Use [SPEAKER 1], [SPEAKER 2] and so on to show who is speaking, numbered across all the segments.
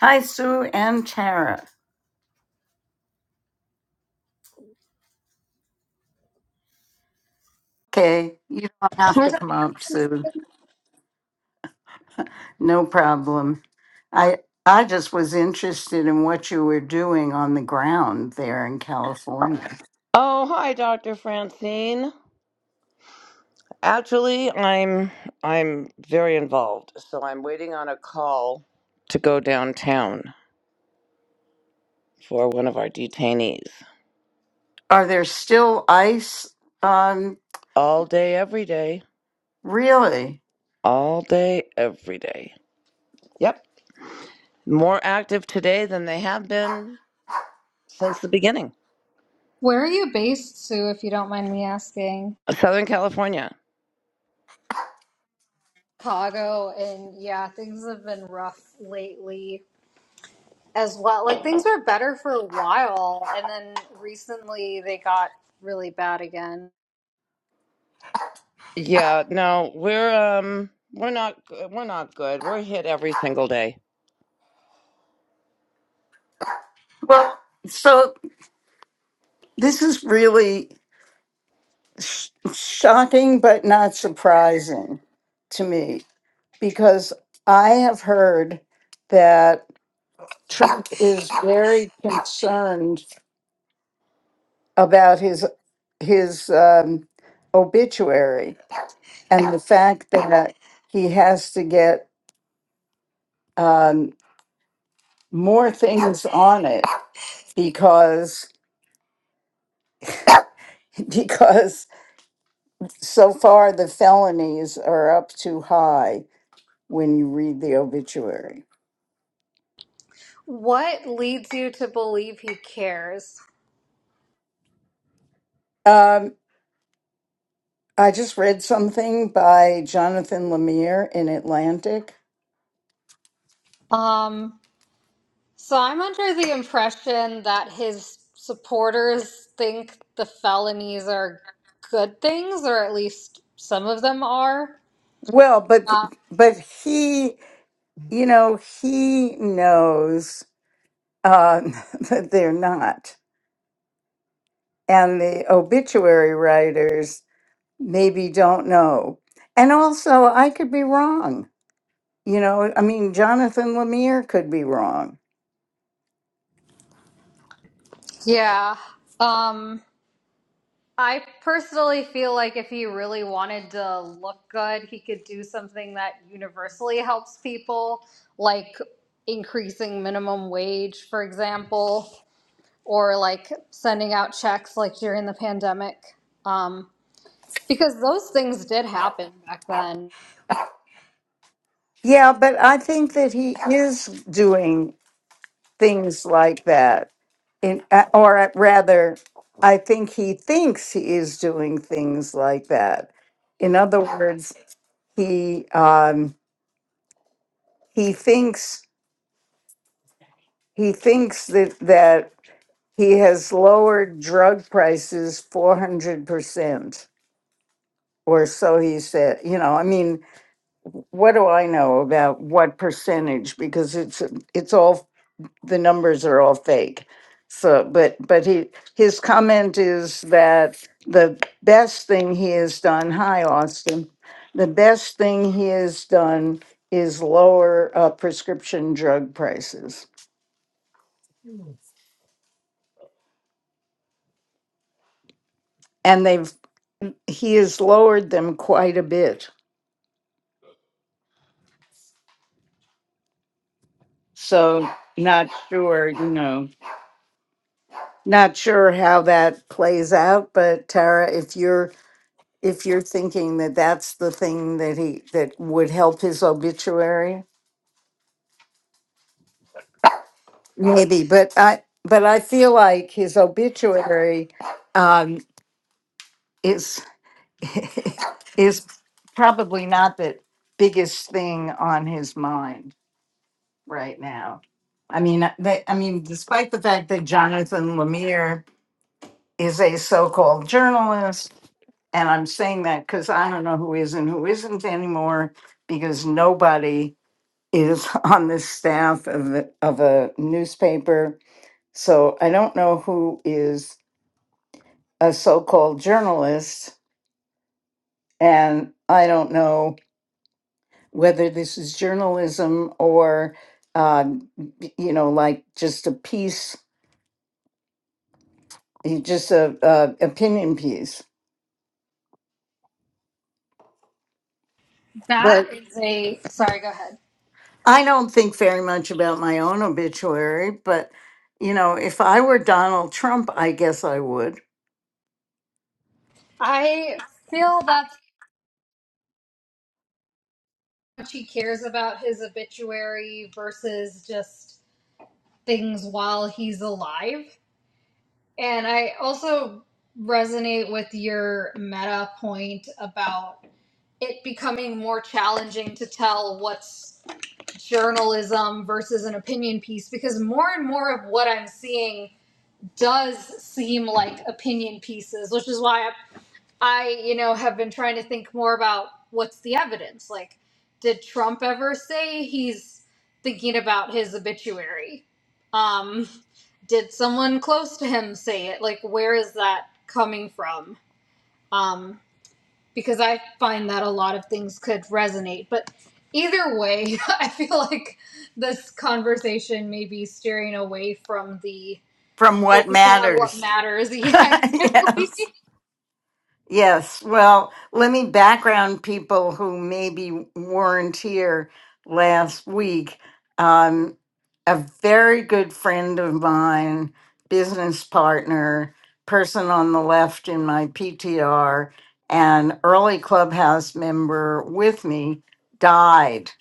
[SPEAKER 1] Hi, Sue and Tara. Okay, you don't have to
[SPEAKER 2] How's it-
[SPEAKER 1] come up, Sue. No problem. I I just was interested in what you were doing on the ground there in California.
[SPEAKER 3] Oh, hi, Dr. Francine. Actually, I'm I'm very involved, so I'm waiting on a call to go downtown for one of our detainees.
[SPEAKER 1] Are there still ice? Um,
[SPEAKER 3] All day every day,
[SPEAKER 1] really?
[SPEAKER 3] all day every day. Yep. More active today than they have been since the beginning.
[SPEAKER 2] Where are you based, Sue, if you don't mind me asking?
[SPEAKER 3] Southern California.
[SPEAKER 2] Chicago, and yeah, things have been rough lately as well. Like things were better for a while, and then recently they got really bad again.
[SPEAKER 3] Yeah, no, we're um we're not we're not good. We're hit every single day.
[SPEAKER 1] Well, so this is really sh- shocking, but not surprising to me because I have heard that Trump is very concerned about his his um, obituary and the fact that he has to get um, more things on it because because so far the felonies are up too high when you read the obituary.
[SPEAKER 2] What leads you to believe he cares?
[SPEAKER 1] Um, I just read something by Jonathan Lemire in Atlantic.
[SPEAKER 2] Um, so I'm under the impression that his supporters think the felonies are good things, or at least some of them are.
[SPEAKER 1] Well, but
[SPEAKER 2] Uh,
[SPEAKER 1] but he, you know, he knows uh, that they're not. And the obituary writers maybe don't know. And also, I could be wrong. You know, I mean, Jonathan Lemire could be wrong.
[SPEAKER 2] yeah. Um, I personally feel like if he really wanted to look good, he could do something that universally helps people, like increasing minimum wage, for example, or like sending out checks like during the pandemic. Um, because those things did happen back then.
[SPEAKER 1] Yeah, but I think that he is doing things like that. In, uh, or uh, rather, I think he thinks he is doing things like that. In other words, he um, he thinks he thinks that that He has lowered drug prices 400%, or so he said. You know, I mean, what do I know about what percentage? Because it's it's all the numbers are all fake. So, but but he his comment is that the best thing he has done. Hi, Austin. The best thing he has done is lower uh, prescription drug prices, and they've he has lowered them quite a bit So not sure, you know, not sure how that plays out, but Tara, if you're if you're thinking that that's the thing that he that would help his obituary, maybe, but I but I feel like his obituary um is is probably not the biggest thing on his mind right now. I mean, uh, they, I mean, despite the fact that Jonathan Lemire is a so-called journalist And I'm saying that because I don't know who is and who isn't anymore because nobody is on the staff of, the, of a newspaper. So I don't know who is a so called journalist. And I don't know whether this is journalism or, uh, you know, like just a piece, just a, a opinion piece.
[SPEAKER 2] That
[SPEAKER 1] But
[SPEAKER 2] is a sorry, go ahead.
[SPEAKER 1] I don't think very much about my own obituary, but you know, if I were Donald Trump, I guess I would.
[SPEAKER 2] I feel that's how much he cares about his obituary versus just things while he's alive And I also resonate with your meta point about it becoming more challenging to tell what's journalism versus an opinion piece because more and more of what I'm seeing does seem like opinion pieces, which is why I I, you know, have been trying to think more about what's the evidence. Like, did Trump ever say he's thinking about his obituary? Um, did someone close to him say it? Like, where is that coming from? Um, because I find that a lot of things could resonate. But either way, I feel like this conversation may be steering away from the
[SPEAKER 1] From what
[SPEAKER 2] focusing on what
[SPEAKER 1] matters.
[SPEAKER 2] matters. Yeah, exactly.
[SPEAKER 1] yes. Yes. Well, let me background people who maybe weren't here last week. Um, a very good friend of mine, business partner, person on the left in my PTR, and early clubhouse member with me died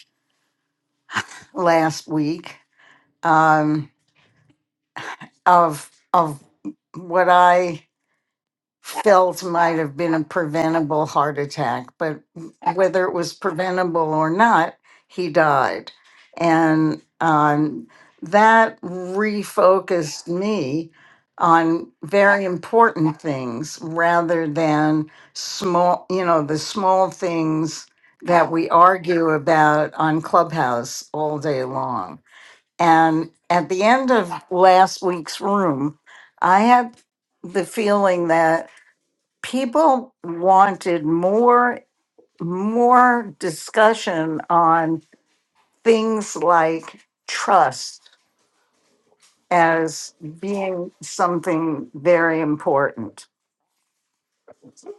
[SPEAKER 1] last week um, of of what I felt might have been a preventable heart attack, but whether it was preventable or not, he died, and um, that refocused me on very important things rather than small, you know, the small things that we argue about on Clubhouse all day long. And at the end of last week's room, I had the feeling that people wanted more more discussion on things like trust as being something very important.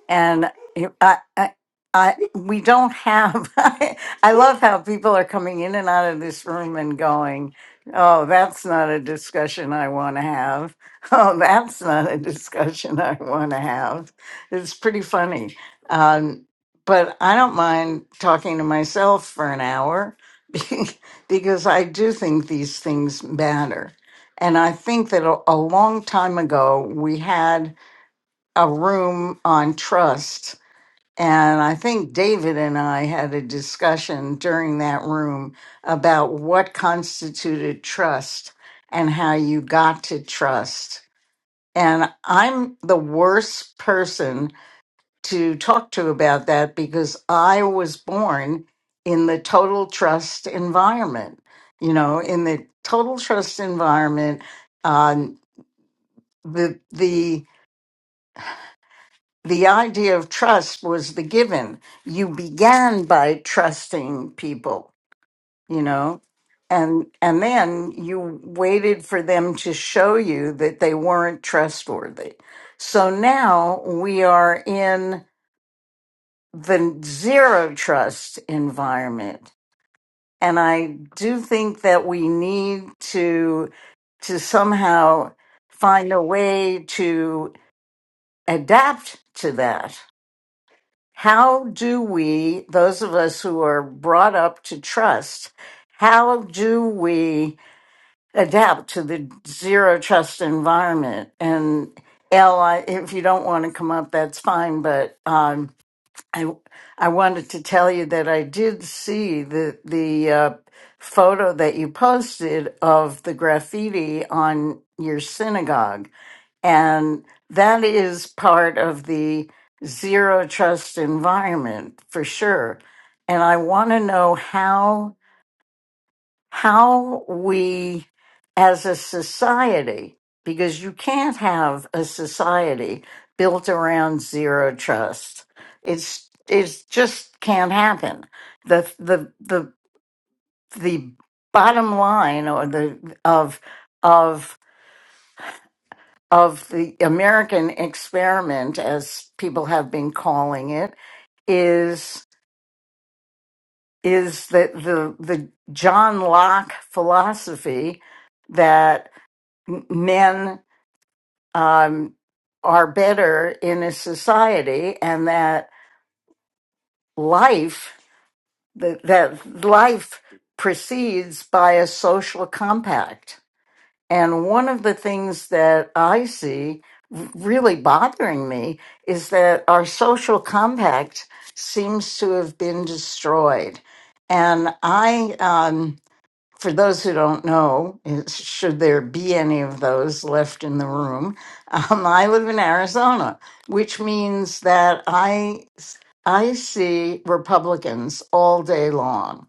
[SPEAKER 1] and you- I, I, I, we don't have. I, I love how people are coming in and out of this room and going, "Oh, that's not a discussion I want to have." Oh, that's not a discussion I want to have. It's pretty funny, um, but I don't mind talking to myself for an hour be- because I do think these things matter. And I think that a, a long time ago, we had a room on trust and I think David and I had a discussion during that room about what constituted trust and how you got to trust. And I'm the worst person to talk to about that because I was born in the total trust environment. You know, in the total trust environment, um, the the the idea of trust was the given you began by trusting people you know and and then you waited for them to show you that they weren't trustworthy so now we are in the zero trust environment and i do think that we need to to somehow find a way to adapt to that how do we, those of us who are brought up to trust, how do we adapt to the zero trust environment? And Elle, I, if you don't want to come up, that's fine. But um, I, I wanted to tell you that I did see the the uh, photo that you posted of the graffiti on your synagogue and that is part of the zero trust environment for sure. And I want to know how, how we as a society, because you can't have a society built around zero trust. It's, it's just can't happen. The, the, the, the bottom line or the, of, of of the American experiment, as people have been calling it, is is that the the John Locke philosophy that m- men um, are better in a society, and that life that, that life proceeds by a social compact And one of the things that I see really bothering me is that our social compact seems to have been destroyed. And I um, for those who don't know, is- should there be any of those left in the room, um, I live in Arizona, which means that I I see Republicans all day long,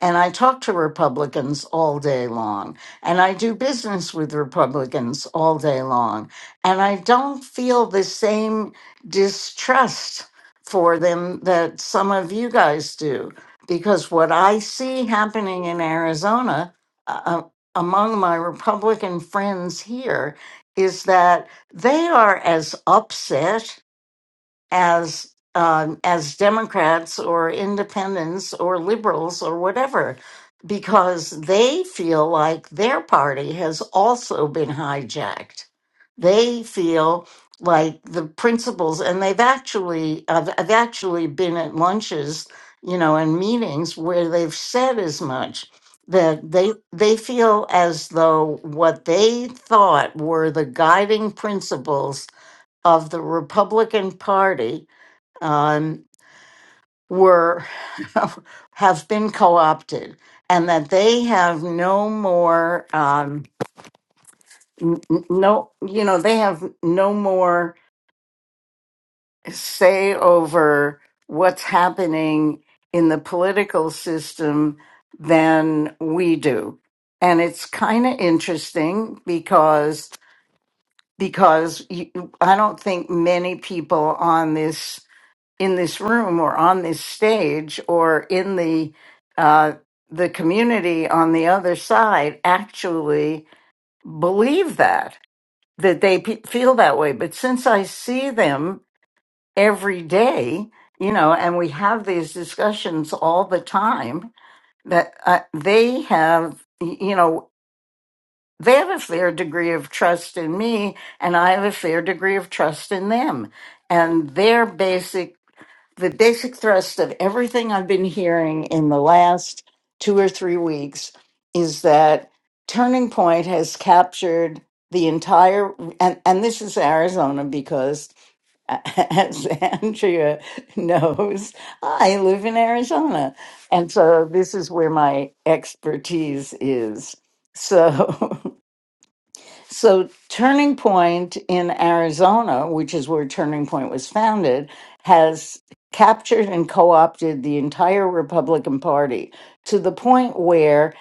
[SPEAKER 1] and I talk to Republicans all day long, and I do business with Republicans all day long, and I don't feel the same distrust for them that some of you guys do because what I see happening in Arizona uh, uh, among my Republican friends here is that they are as upset as um, as Democrats or independents or liberals or whatever, because they feel like their party has also been hijacked. They feel like the principles, and they've actually I've, I've actually been at lunches, you know, and meetings where they've said as much that they they feel as though what they thought were the guiding principles of the Republican Party um, were have been co-opted and that they have no more um, n- n- no you know they have no more say over what's happening in the political system than we do and it's kind of interesting because because you, i don't think many people on this in this room or on this stage or in the uh, the community on the other side actually believe that that they pe feel that way but since i see them every day you know and we have these discussions all the time that uh, they have y- you know they have a fair degree of trust in me and i have a fair degree of trust in them and their basic the basic thrust of everything I've been hearing in the last two or three weeks is that Turning Point has captured the entire, and, and this is Arizona because, as Andrea knows, I live in Arizona. And so this is where my expertise is. So So, Turning Point in Arizona, which is where Turning Point was founded, has captured and co opted the entire Republican Party to the point where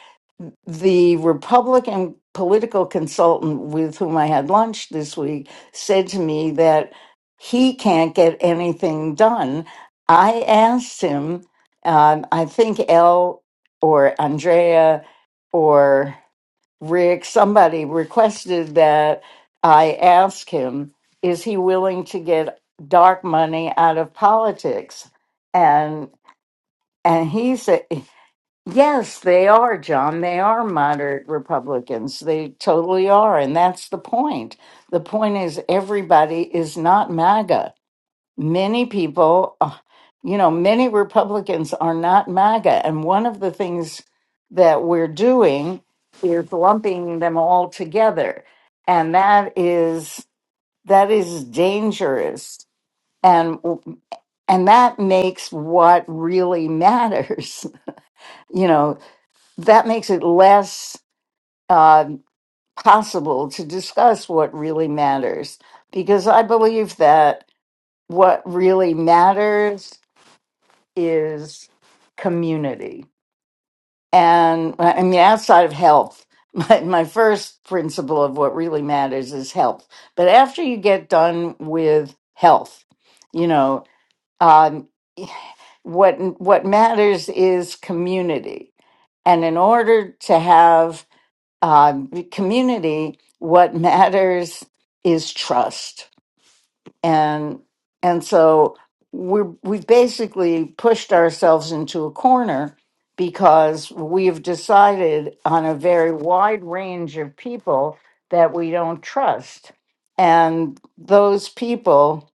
[SPEAKER 1] the Republican political consultant with whom I had lunch this week said to me that he can't get anything done. I asked him, um, I think L or Andrea or Rick, somebody requested that I ask him, is he willing to get dark money out of politics? And and he said, yes, they are, John. They are moderate Republicans. They totally are, and that's the point. The point is everybody is not MAGA many people, uh, you know, many Republicans are not MAGA. And one of the things that we're doing is lumping them all together. And that is that is dangerous. And and that makes what really matters, you know, that makes it less uh, possible to discuss what really matters. Because I believe that what really matters is community. And I mean, outside of health, my, my first principle of what really matters is health. But after you get done with health, you know, um, what what matters is community and in order to have um, community what matters is trust and and so we we basically pushed ourselves into a corner because we have decided on a very wide range of people that we don't trust and those people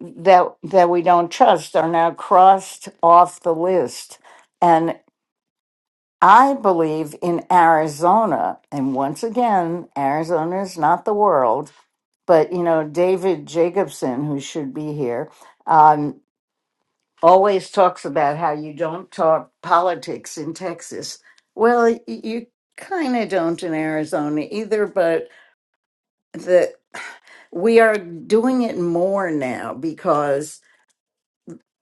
[SPEAKER 1] that that we don't trust are now crossed off the list I believe in Arizona, and once again, Arizona is not the world, but you know, David Jacobson, who should be here, um, always talks about how you don't talk politics in Texas. Well, y- you kind of don't in Arizona either, but the we are doing it more now because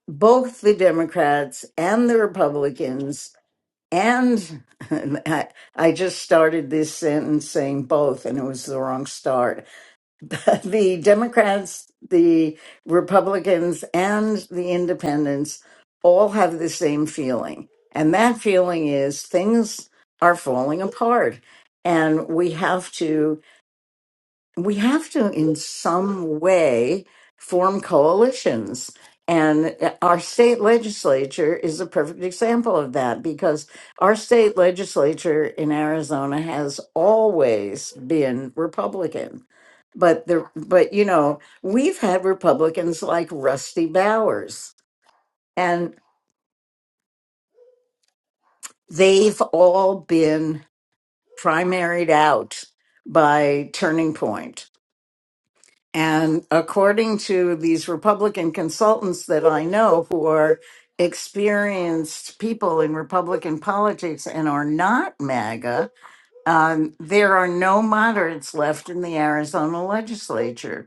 [SPEAKER 1] both the Democrats and the Republicans And I, I just started this sentence saying both, and it was the wrong start. the Democrats, the Republicans, and the Independents all have the same feeling. And that feeling is things are falling apart. And we have to we have to in some way form coalitions and uh, our state legislature is a perfect example of that because our state legislature in Arizona has always been republican but the but you know we've had republicans like Rusty Bowers and they've all been primaried out by turning point And according to these Republican consultants that I know who are experienced people in Republican politics and are not MAGA, um, there are no moderates left in the Arizona legislature,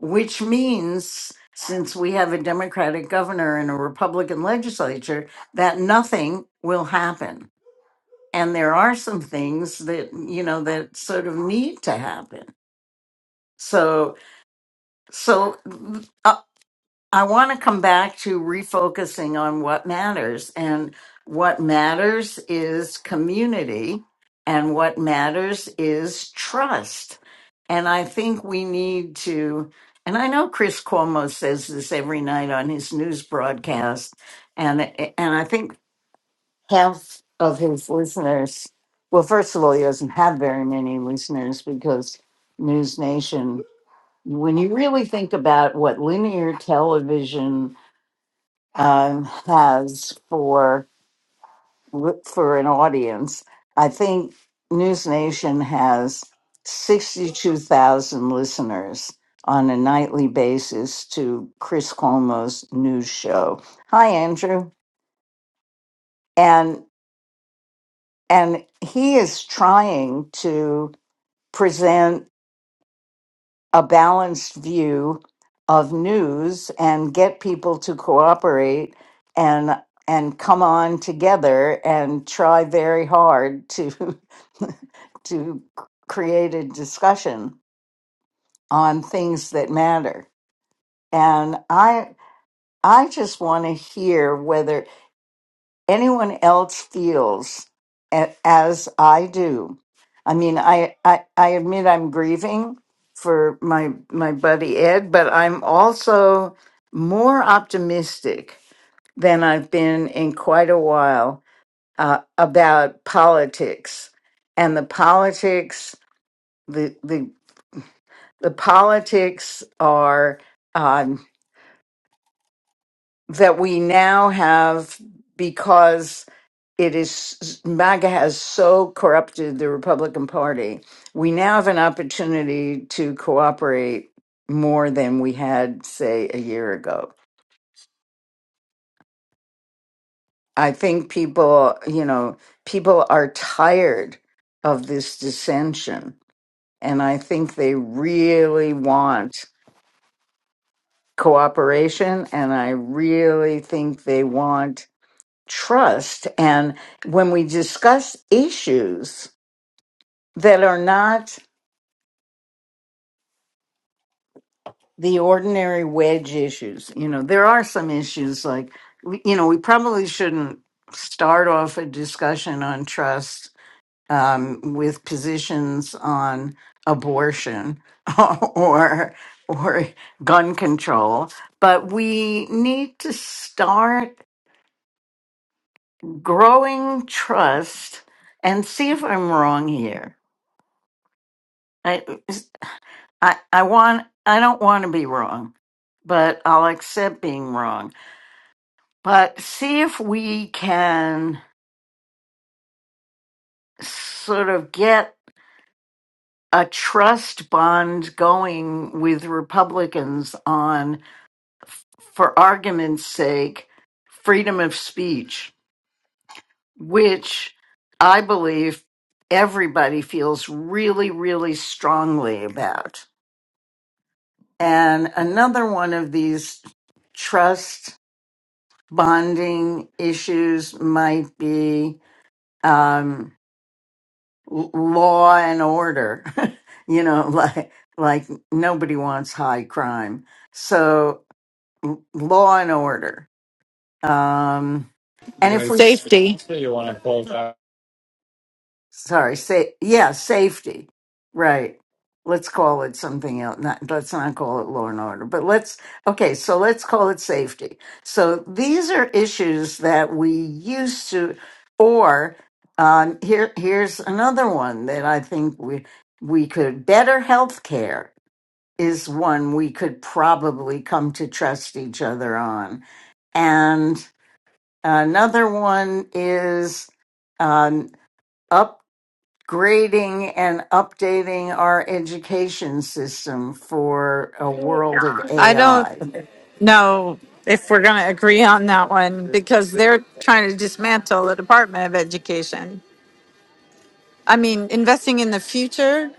[SPEAKER 1] which means, since we have a Democratic governor and a Republican legislature, that nothing will happen. And there are some things that, you know, that sort of need to happen. So, so uh, I want to come back to refocusing on what matters. And what matters is community, and what matters is trust. And I think we need to, and I know Chris Cuomo says this every night on his news broadcast, and, and I think half of his listeners, well, first of all, he doesn't have very many listeners because News Nation when you really think about what linear television um, has for for an audience. I think News Nation has sixty-two thousand listeners on a nightly basis to Chris Cuomo's news show. Hi, Andrew, and and he is trying to present. a balanced view of news and get people to cooperate and and come on together and try very hard to to create a discussion on things that matter and i i just want to hear whether anyone else feels a- as I do. I mean, I, I, I admit I'm grieving for my my buddy Ed, but I'm also more optimistic than I've been in quite a while uh, about politics and the politics the the the politics are. um, that we now have because it is MAGA has so corrupted the Republican Party. We now have an opportunity to cooperate more than we had, say, a year ago. I think people, you know, people are tired of this dissension. And I think they really want cooperation. And I really think they want trust and when we discuss issues that are not the ordinary wedge issues you know there are some issues like we- you know we probably shouldn't start off a discussion on trust um, with positions on abortion or or gun control but we need to start growing trust and see if i'm wrong here I, I want I don't want to be wrong, but I'll accept being wrong. But see if we can sort of get a trust bond going with Republicans on, for argument's sake, freedom of speech, which I believe everybody feels really, really strongly about. And another one of these trust bonding issues might be um, l- law and order. you know, like like nobody wants high crime, so l- law and order. Um, and
[SPEAKER 4] You
[SPEAKER 1] if
[SPEAKER 4] guys,
[SPEAKER 1] we
[SPEAKER 4] Safety. so you want to pull back?
[SPEAKER 1] sorry, say yeah, safety. Right. Let's call it something else. Not, let's not call it law and order, but let's okay. So let's call it safety. So these are issues that we used to, or um, here here's another one that I think we we could better health care is one we could probably come to trust each other on. And another one is um, grading and updating our education system for a world of
[SPEAKER 4] I don't
[SPEAKER 1] AI.
[SPEAKER 4] know if we're going to agree on that one because they're trying to dismantle the Department of Education. I mean, investing in the future,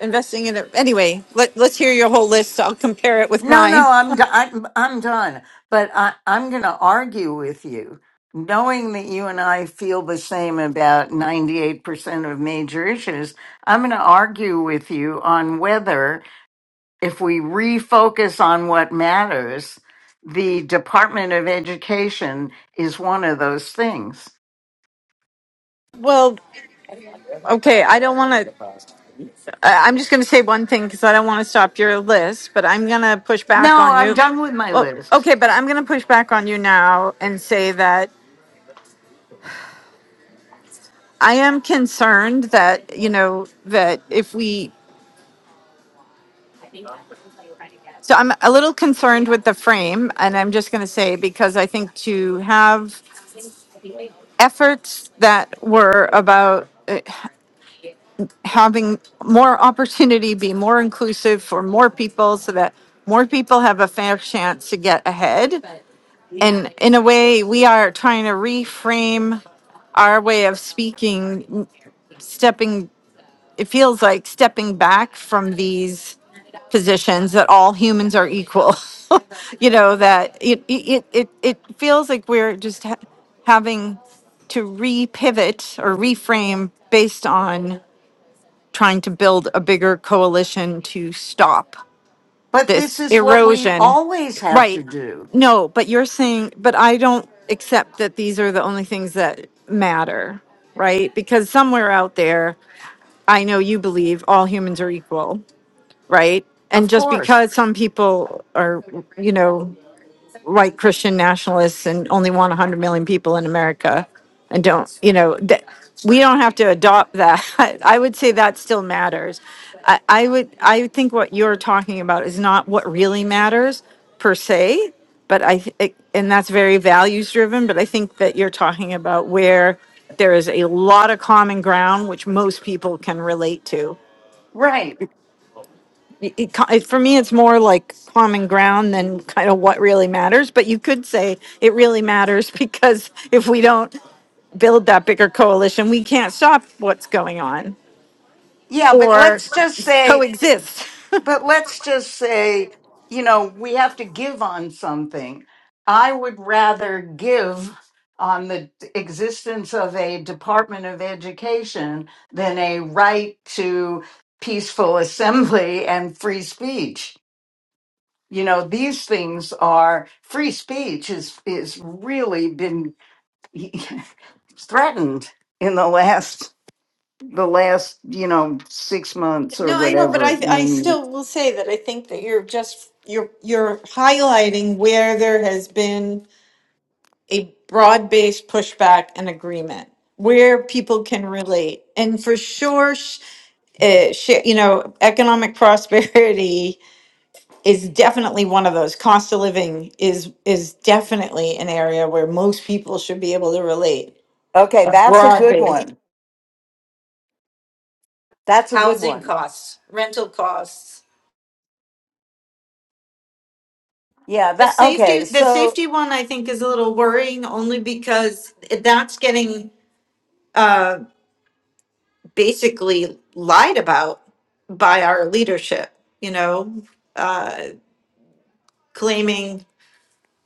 [SPEAKER 4] investing in it. Anyway, let, let's hear your whole list. I'll compare it with
[SPEAKER 1] No,
[SPEAKER 4] mine.
[SPEAKER 1] no, I'm do- I'm, I'm done. But I, I'm going to argue with you, knowing that you and I feel the same about 98% of major issues. I'm going to argue with you on whether, if we refocus on what matters, the Department of Education is one of those things.
[SPEAKER 4] Well, okay. I don't want to. I'm just going to say one thing because I don't want to stop your list, but I'm going to push back
[SPEAKER 1] No,
[SPEAKER 4] on
[SPEAKER 1] I'm
[SPEAKER 4] you.
[SPEAKER 1] done with my
[SPEAKER 4] Well,
[SPEAKER 1] list.
[SPEAKER 4] okay, but I'm going to push back on you now and say that. I am concerned that, you know, that if we, so I'm a little concerned with the frame, and I'm just going to say, because I think to have efforts that were about having more opportunity, be more inclusive for more people so that more people have a fair chance to get ahead. And in a way, we are trying to reframe our way of speaking, stepping it feels like stepping back from these positions that all humans are equal. you know that it it it it feels like we're just ha- having to repivot or reframe based on trying to build a bigger coalition to stop
[SPEAKER 1] But this
[SPEAKER 4] this
[SPEAKER 1] is what we
[SPEAKER 4] erosion.
[SPEAKER 1] always have to
[SPEAKER 4] Right.
[SPEAKER 1] do.
[SPEAKER 4] No, but you're saying but I don't accept that these are the only things that matter, right? Because somewhere out there I know you believe all humans are equal, right? And
[SPEAKER 1] Of
[SPEAKER 4] just
[SPEAKER 1] course.
[SPEAKER 4] because some people are, you know, white Christian nationalists and only want 100 million people in America and don't, you know, that we don't have to adopt that. I would say that still matters. I, I would, I think what you're talking about is not what really matters per se, but I, th- it- and that's very values driven, but I think that you're talking about where there is a lot of common ground which most people can relate to
[SPEAKER 1] Right.
[SPEAKER 4] it, co- it- for me, it's more like common ground than kind of what really matters. But you could say it really matters because if we don't build that bigger coalition, we can't stop what's going on
[SPEAKER 1] Yeah, but
[SPEAKER 4] or
[SPEAKER 1] let's just say,
[SPEAKER 4] coexist.
[SPEAKER 1] but let's just say, you know, we have to give on something. I would rather give on the existence of a Department of Education than a right to peaceful assembly and free speech. You know, these things are free speech is is really been threatened in the last the last you know six months or
[SPEAKER 4] No, I know, but
[SPEAKER 1] whatever
[SPEAKER 4] I I
[SPEAKER 1] name you
[SPEAKER 4] still will say that I think that you're just you're you're highlighting where there has been a broad-based pushback and agreement where people can relate. And for sure, sh- uh, sh- you know, economic prosperity is definitely one of those cost of living is is definitely an area where most people should be able to relate
[SPEAKER 1] okay
[SPEAKER 4] a
[SPEAKER 1] that's a
[SPEAKER 4] broad
[SPEAKER 1] good
[SPEAKER 4] base
[SPEAKER 1] one that's a good
[SPEAKER 4] Housing
[SPEAKER 1] one
[SPEAKER 4] costs, rental costs.
[SPEAKER 1] yeah
[SPEAKER 4] the
[SPEAKER 1] that
[SPEAKER 4] safety
[SPEAKER 1] okay
[SPEAKER 4] the
[SPEAKER 1] so.
[SPEAKER 4] safety one i think is a little worrying only because that's getting basically lied about by our leadership you know uh claiming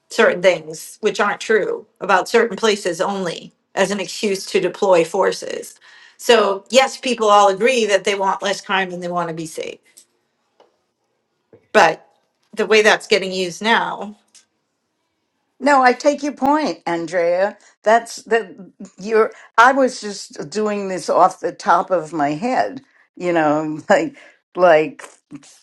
[SPEAKER 4] certain things which aren't true about certain places only as an excuse to deploy forces. So, yes, people all agree that they want less crime and they want to be safe. But the way that's getting used now,
[SPEAKER 1] No, I take your point, Andrea. That's that you're I was just doing this off the top of my head, you know, like like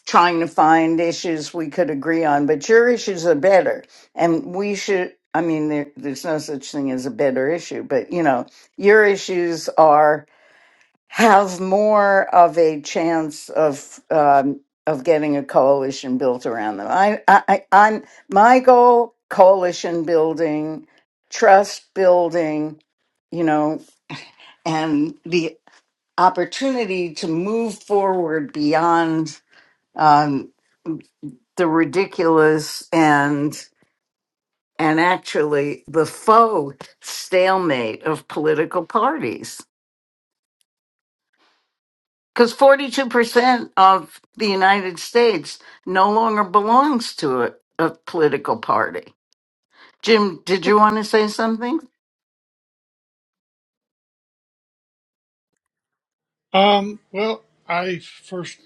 [SPEAKER 1] trying to find issues we could agree on, but your issues are better. And we should I mean there there's no such thing as a better issue, but you know, your issues are have more of a chance of um, of getting a coalition built around them. I, I, I I'm my goal: coalition building, trust building, you know, and the opportunity to move forward beyond um, the ridiculous and and actually the faux stalemate of political parties. Because 42% of the United States no longer belongs to a, a political party. Jim, did you want to say something?
[SPEAKER 5] Um, well, I first,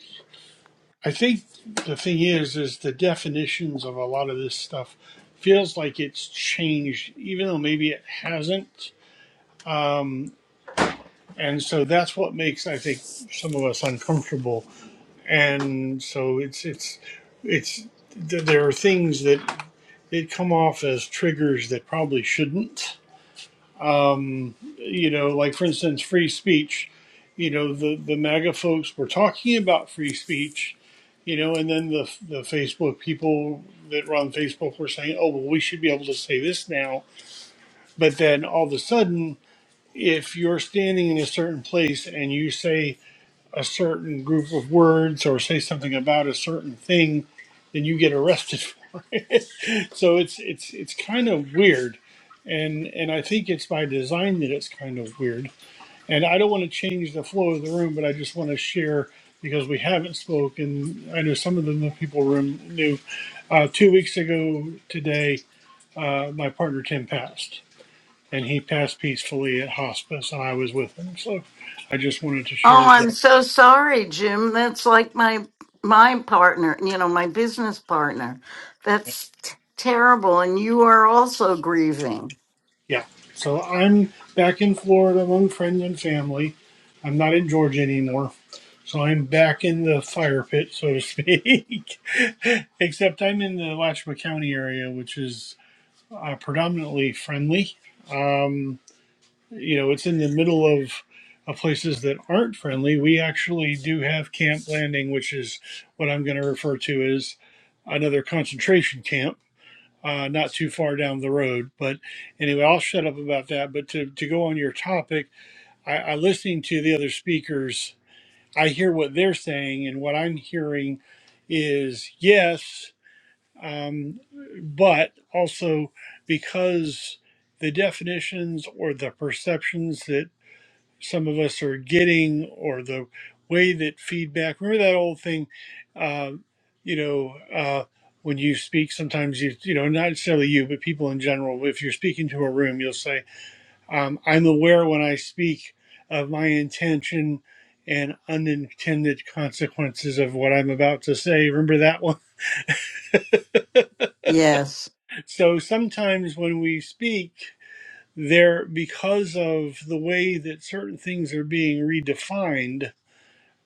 [SPEAKER 5] I think the thing is, is the definitions of a lot of this stuff feels like it's changed, even though maybe it hasn't. And so that's what makes, I think, some of us uncomfortable. And so it's, it's, it's, th- there are things that, that come off as triggers that probably shouldn't. You know, like for instance, free speech. You know, the, the MAGA folks were talking about free speech you know, and then the the Facebook people that run Facebook were saying, "Oh, well, we should be able to say this now." But then all of a sudden, if you're standing in a certain place and you say a certain group of words or say something about a certain thing, then you get arrested for it. so it's it's it's kind of weird, and and I think it's by design that it's kind of weird and I don't want to change the flow of the room, but I just want to share because we haven't spoken. I know some of the new people room knew. Uh, two weeks ago today, uh, my partner Tim passed, and he passed peacefully at hospice, and I was with him. So I just wanted to share
[SPEAKER 1] Oh, I'm
[SPEAKER 5] that.
[SPEAKER 1] so sorry, Jim. That's like my my partner, you know, my business partner. That's t- terrible and you are also grieving.
[SPEAKER 5] Yeah. So I'm back in Florida among friends and family. I'm not in Georgia anymore. So I'm back in the fire pit, so to speak. Except I'm in the Alachua County area, which is uh, predominantly friendly. Um, you know, it's in the middle of, of places that aren't friendly. We actually do have Camp Landing, which is what I'm going to refer to as another concentration camp. Uh, not too far down the road, but anyway, I'll shut up about that. But to, to go on your topic, I, I listening to the other speakers, I hear what they're saying, and what I'm hearing is yes um, but also because the definitions or the perceptions that some of us are getting or the way that feedback remember that old thing uh, you know uh, when you speak sometimes you you know not necessarily you but people in general if you're speaking to a room you'll say um, i'm aware when i speak of my intention and unintended consequences of what i'm about to say remember that one
[SPEAKER 1] Yes.
[SPEAKER 5] So sometimes when we speak, there because of the way that certain things are being redefined,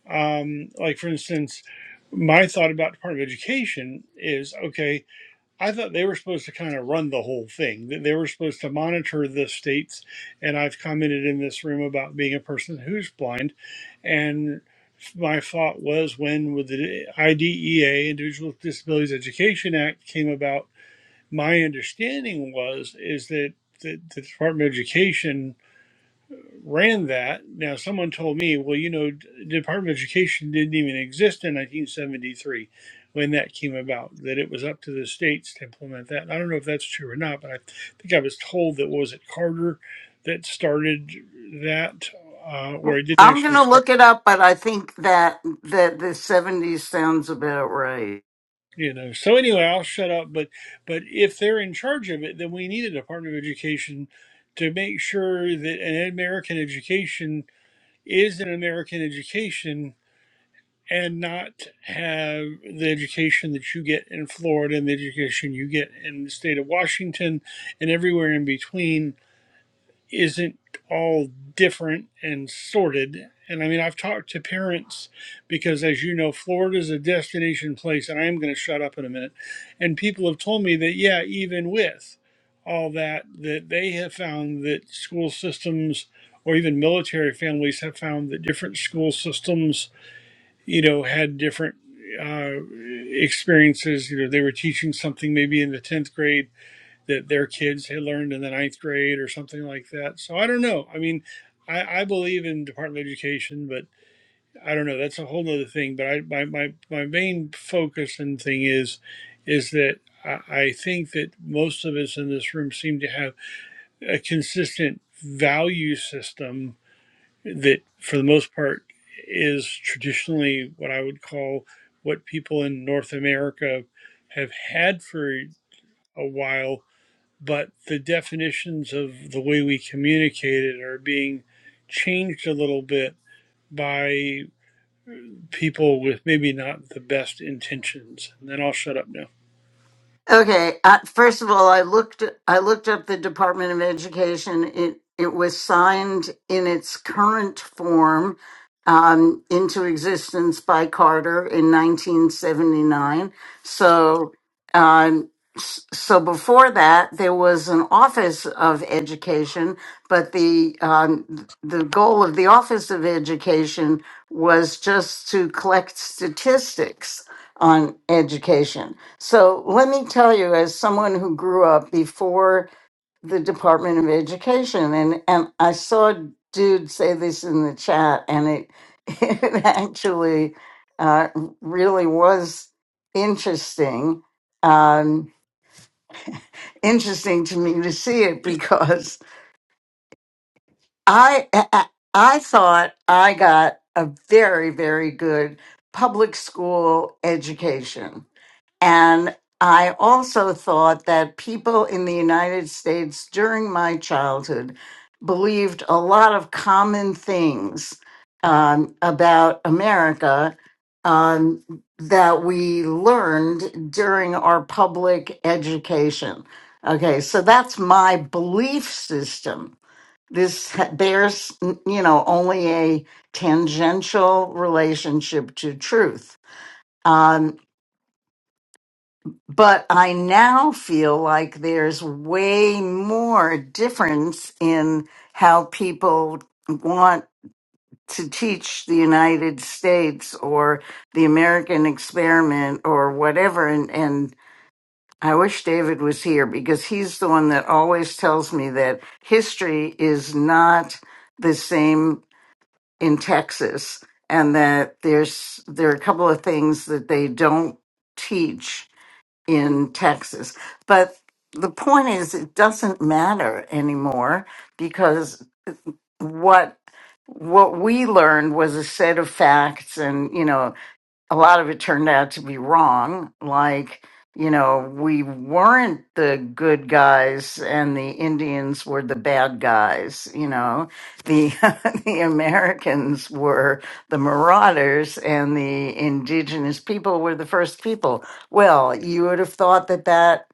[SPEAKER 5] um, like for instance, my thought about Department of Education is okay, I thought they were supposed to kind of run the whole thing, that they were supposed to monitor the states. And I've commented in this room about being a person who's blind. And my thought was when with the IDEA, Individuals with Disabilities Education Act, came about my understanding was is that the, the Department of Education ran that. Now, someone told me, well, you know, the Department of Education didn't even exist in 1973 when that came about. That it was up to the states to implement that. I don't know if that's true or not, but I think I was told that what was it Carter that started that, uh, or
[SPEAKER 1] Well,
[SPEAKER 5] it didn't
[SPEAKER 1] I'm going
[SPEAKER 5] actually
[SPEAKER 1] to
[SPEAKER 5] start.
[SPEAKER 1] look it up, but I think that that the 70s sounds about right.
[SPEAKER 5] you know so anyway i'll shut up but but if they're in charge of it then we need a department of education to make sure that an american education is an american education and not have the education that you get in florida and the education you get in the state of washington and everywhere in between isn't all different and sorted. And I mean, I've talked to parents because, as you know, Florida is a destination place, and I am going to shut up in a minute. And people have told me that, yeah, even with all that, that they have found that school systems or even military families have found that different school systems, you know, had different uh, experiences. You know, they were teaching something maybe in the 10th grade that their kids had learned in the ninth grade or something like that. So I don't know. I mean, I, I believe in Department of Education, but I don't know. That's a whole nother thing. But I, my, my, my main focus and thing is, is that I, I think that most of us in this room seem to have a consistent value system that, for the most part, is traditionally what I would call what people in North America have had for a while but the definitions of the way we communicate it are being changed a little bit by people with maybe not the best intentions. And then I'll shut up now.
[SPEAKER 1] Okay. Uh, first of all, I looked I looked up the Department of Education. It it was signed in its current form um, into existence by Carter in 1979. So. Um, s- so before that, there was an office of education, but the um, the goal of the office of education was just to collect statistics on education. So let me tell you, as someone who grew up before the Department of Education, and, and I saw a dude say this in the chat, and it, it actually uh, really was interesting. Um, interesting to me to see it because I, I I thought I got a very, very good public school education And I also thought that people in the United States during my childhood believed a lot of common things um, about America um, that we learned during our public education. Okay, so that's my belief system. This ha- bears, you know, only a tangential relationship to truth. Um, but I now feel like there's way more difference in how people want to teach the United States or the American experiment or whatever. And, and I wish David was here because he's the one that always tells me that history is not the same in Texas and that there's, there are a couple of things that they don't teach in Texas. But the point is, it doesn't matter anymore because what what we learned was a set of facts, and you know a lot of it turned out to be wrong. Like, you know, we weren't the good guys and the Indians were the bad guys, you know. The the Americans were the marauders and the indigenous people were the first people. Well, you would have thought that that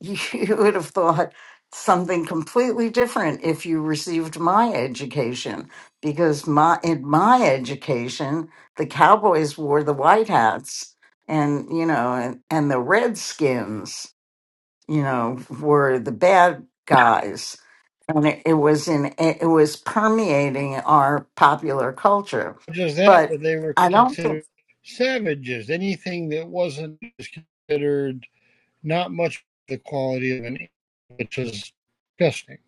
[SPEAKER 1] you would have thought something completely different if you received my education because my in my education the cowboys wore the white hats and you know and, and the redskins you know were the bad guys and it, it was in it was permeating our popular culture
[SPEAKER 5] Not just that,
[SPEAKER 1] but
[SPEAKER 5] but they were
[SPEAKER 1] i don't think
[SPEAKER 5] considered savages. Anything that wasn't is considered not much the quality of an animal, which is disgusting.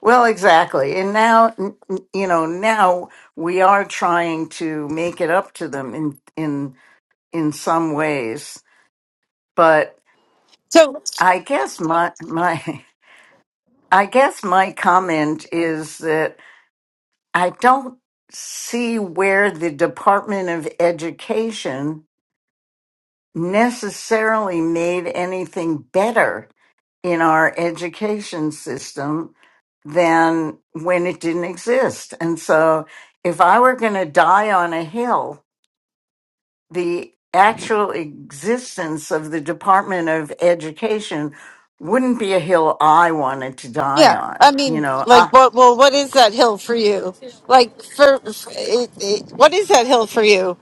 [SPEAKER 1] Well, exactly. And now, n- n- you know, now we are trying to make it up to them in in in some ways. But
[SPEAKER 4] So
[SPEAKER 1] I guess my my I guess my comment is that I don't see where the Department of Education necessarily made anything better in our education system than when it didn't exist. And so if I were going to die on a hill, the actual existence of the Department of Education wouldn't be a hill I wanted to die
[SPEAKER 4] yeah, I
[SPEAKER 1] on. You
[SPEAKER 4] mean,
[SPEAKER 1] know, I,
[SPEAKER 4] like, what? Well, what is that hill for you? Like, for, for it, it, what is that hill for you?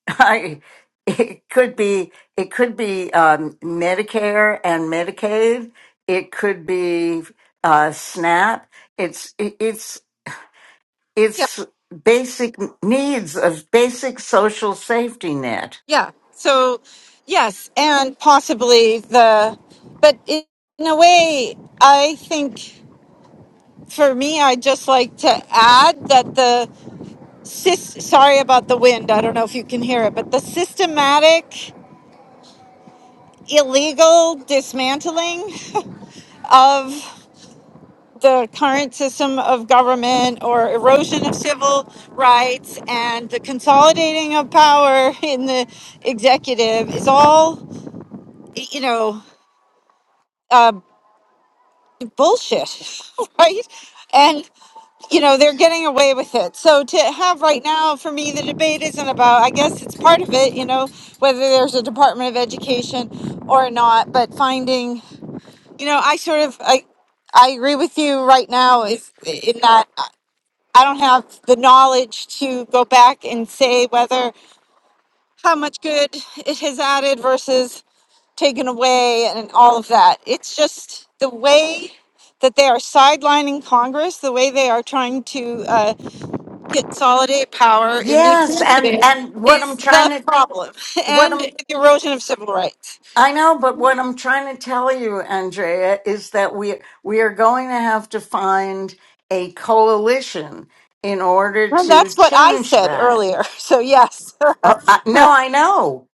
[SPEAKER 1] I it could be it could be um, Medicare and Medicaid. It could be uh, SNAP. It's it- it's
[SPEAKER 4] Yeah,
[SPEAKER 1] It's basic needs of basic social safety net.
[SPEAKER 4] yeah. So yes, and possibly the, but in, in a way, I think. For me, I'd just like to add that the sys- sorry about the wind. I don't know if you can hear it, but the systematic illegal dismantling of the current system of government or erosion of civil rights and the consolidating of power in the executive is all you know uh, bullshit, right? you know they're getting away with it so to have right now for me the debate isn't about i guess it's part of it you know whether there's a department of education or not but finding you know i sort of i i agree with you right now is in that i don't have the knowledge to go back and say whether how much good it has added versus taken away and all of that it's just the way that they are sidelining Congress, the way they are trying to uh, consolidate power in the
[SPEAKER 1] Yes,
[SPEAKER 4] executive
[SPEAKER 1] and and what
[SPEAKER 4] is
[SPEAKER 1] I'm
[SPEAKER 4] the
[SPEAKER 1] trying to
[SPEAKER 4] problem
[SPEAKER 1] what
[SPEAKER 4] and
[SPEAKER 1] I'm
[SPEAKER 4] the erosion of civil rights.
[SPEAKER 1] I know, but what I'm trying to tell you, Andrea, is that we we are going to have to find a coalition in order
[SPEAKER 4] And
[SPEAKER 1] to
[SPEAKER 4] that's what I
[SPEAKER 1] change
[SPEAKER 4] said
[SPEAKER 1] that.
[SPEAKER 4] earlier. So, yes.
[SPEAKER 1] Uh, I, no, I know.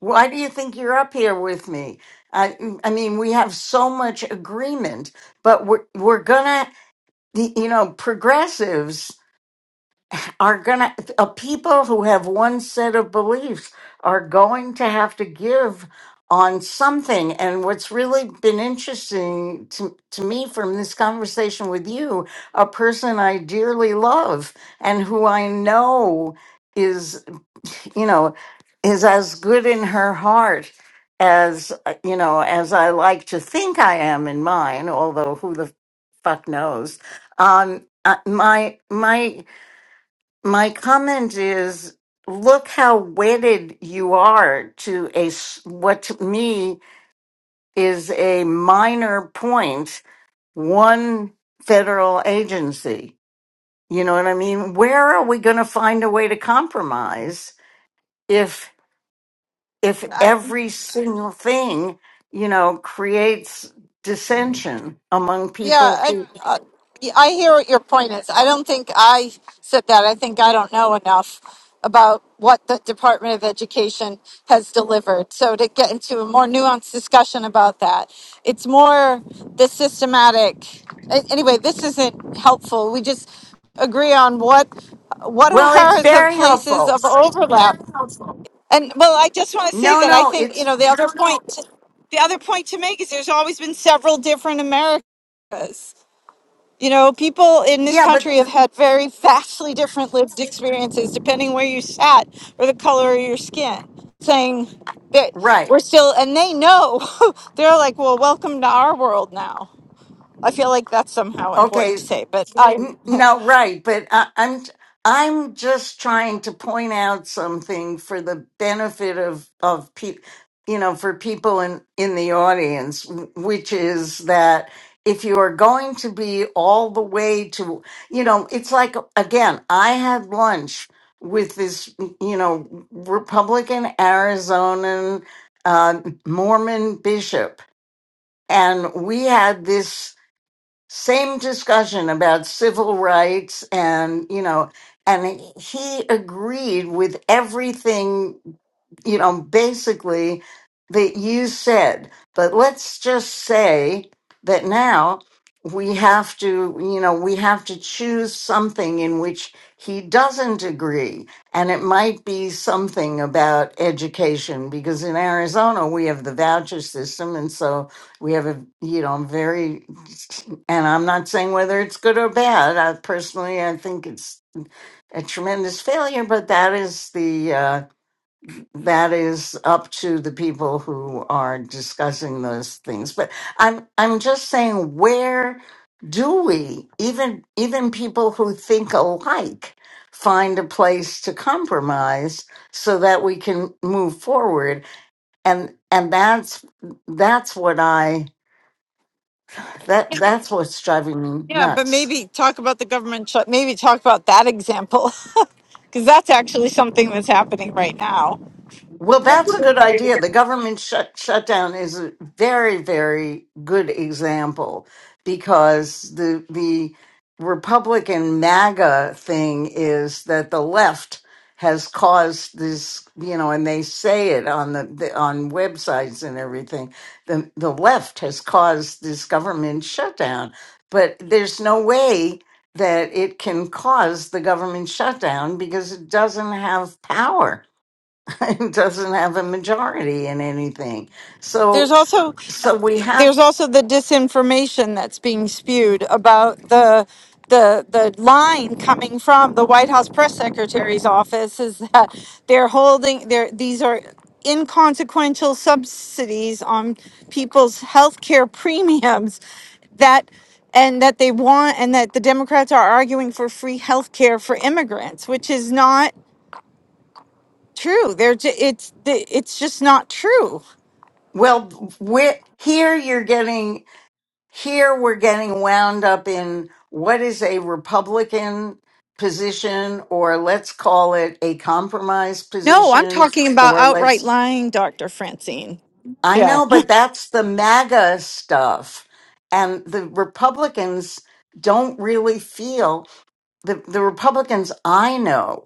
[SPEAKER 1] Why do you think you're up here with me? I I mean, we have so much agreement, but we're we're gonna the- you know progressives. are going to uh, people who have one set of beliefs are going to have to give on something and what's really been interesting to, to me from this conversation with you a person i dearly love and who i know is you know is as good in her heart as uh, you know as i like to think i am in mine although who the fuck knows um uh, my my my comment is look how wedded you are to a s- what to me is a minor point one federal agency you know what i mean where are we going to find a way to compromise if if
[SPEAKER 4] I,
[SPEAKER 1] every single thing you know creates dissension among
[SPEAKER 4] yeah,
[SPEAKER 1] people
[SPEAKER 4] I,
[SPEAKER 1] who
[SPEAKER 4] uh, I hear what your point is. I don't think I said that. I think I don't know enough about what the Department of Education has delivered. So, to get into a more nuanced discussion about that, it's more the systematic. a- Anyway, this isn't helpful. We just agree on what what
[SPEAKER 1] well it's
[SPEAKER 4] are the
[SPEAKER 1] very
[SPEAKER 4] places
[SPEAKER 1] helpful
[SPEAKER 4] of overlap? And well, I just want to say
[SPEAKER 1] no
[SPEAKER 4] that I
[SPEAKER 1] no
[SPEAKER 4] think you
[SPEAKER 1] it's
[SPEAKER 4] know the other point. The other point to make is there's always been several different American. You know, people in this
[SPEAKER 1] yeah but
[SPEAKER 4] country have
[SPEAKER 1] th-
[SPEAKER 4] had very vastly different lived experiences depending where you sat or the color of your skin. Saying that
[SPEAKER 1] right
[SPEAKER 4] we're still, and they know they're like, well, welcome to our world now. I feel like that's somehow important
[SPEAKER 1] okay
[SPEAKER 4] to say, but I.
[SPEAKER 1] N- No, right, but I, I'm I'm just trying to point out something for the benefit of of people, you know, for people in in the audience, w- which is that if you are going to be all the way to, you know, it's like again, I had lunch with this, you know, Republican Arizonan uh, Mormon bishop, and we had this same discussion about civil rights and you know and he agreed with everything you know basically that you said but let's just say that now we have to you know we have to choose something in which he doesn't agree and it might be something about education because in Arizona we have the voucher system and so we have a you know very and I'm not saying whether it's good or bad. I personally, I think it's a tremendous failure, but that is the uh, that is up to the people who are discussing those things. But I'm I'm just saying, where do we even even people who think alike find a place to compromise so that we can move forward? And and that's that's what I that that's what's driving me
[SPEAKER 4] Yeah, but
[SPEAKER 1] nuts.
[SPEAKER 4] maybe talk about the government shut. Maybe talk about that example because that's actually something that's happening right now.
[SPEAKER 1] Well, that's a good idea. The government shut, shutdown is a very, very good example because the the Republican MAGA thing is that the left has caused this, you know, and they say it on the, the on websites and everything. The the left has caused this government shutdown, but there's no way that it can cause the government shutdown because it doesn't have power doesn't have a majority in anything.
[SPEAKER 4] There's
[SPEAKER 1] So
[SPEAKER 4] also
[SPEAKER 1] so we have
[SPEAKER 4] there's also the disinformation that's being spewed about the the the line coming from the White House press secretary's office is that they're holding they are these are inconsequential subsidies on people's health care premiums that and that they want and that the Democrats are arguing for free health care for immigrants, which is not true. They're ju- it's it's just not true.
[SPEAKER 1] well we're, here you're getting here we're getting wound up in what is a Republican position or let's call it a compromise
[SPEAKER 4] No, I'm
[SPEAKER 1] position
[SPEAKER 4] talking about
[SPEAKER 1] or
[SPEAKER 4] outright
[SPEAKER 1] let's
[SPEAKER 4] lying, Dr. Francine.
[SPEAKER 1] I
[SPEAKER 4] Yeah.
[SPEAKER 1] know but that's the MAGA stuff and the Republicans don't really feel the, the Republicans I know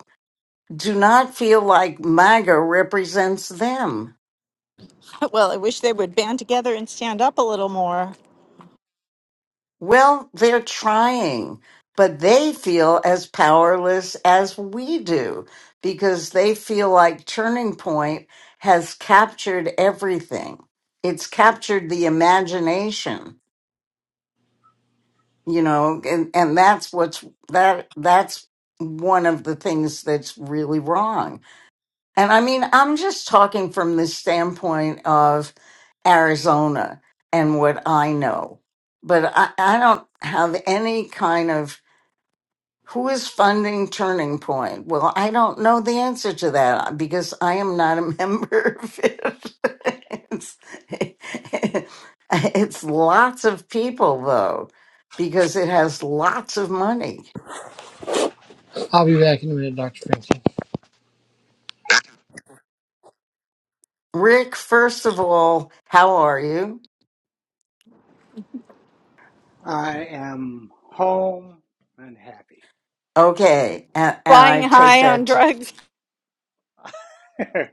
[SPEAKER 1] do not feel like MAGA represents them.
[SPEAKER 4] Well, I wish they would band together and stand up a little more.
[SPEAKER 1] Well, they're trying, but they feel as powerless as we do because they feel like Turning Point has captured everything. It's captured the imagination, you know, and, and that's what's that that's one of the things that's really wrong And I mean, I'm just talking from the standpoint of Arizona and what I know. But I, I don't have any kind of who is funding Turning Point? Well, I don't know the answer to that because I am not a member of it. it's, it's lots of people, though, because it has lots of money.
[SPEAKER 5] I'll be back in a minute, Dr. Francine.
[SPEAKER 1] Rick, first of all, how are you?
[SPEAKER 6] I am home and happy.
[SPEAKER 1] Okay, and, and
[SPEAKER 4] Flying
[SPEAKER 1] I take
[SPEAKER 4] high on
[SPEAKER 1] that
[SPEAKER 4] drugs.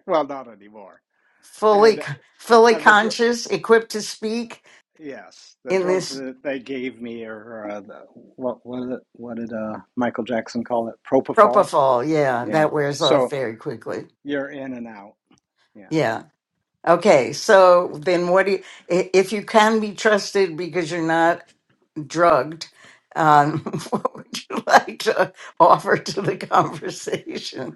[SPEAKER 6] well, not anymore.
[SPEAKER 1] fully
[SPEAKER 6] And
[SPEAKER 1] fully
[SPEAKER 6] uh, the dr-
[SPEAKER 1] conscious, equipped to speak
[SPEAKER 6] yes, the
[SPEAKER 1] in
[SPEAKER 6] drugs
[SPEAKER 1] this
[SPEAKER 6] that they gave me are uh, the, what was it? What did uh, Michael Jackson call it? Propofol.
[SPEAKER 1] propofol. Yeah,
[SPEAKER 6] Yeah.
[SPEAKER 1] that wears off
[SPEAKER 6] So
[SPEAKER 1] very quickly.
[SPEAKER 6] you're in and out. Yeah.
[SPEAKER 1] Yeah. Okay. So then, what do you, i- if you can be trusted because you're not drugged? Um, what would you like to offer to the conversation?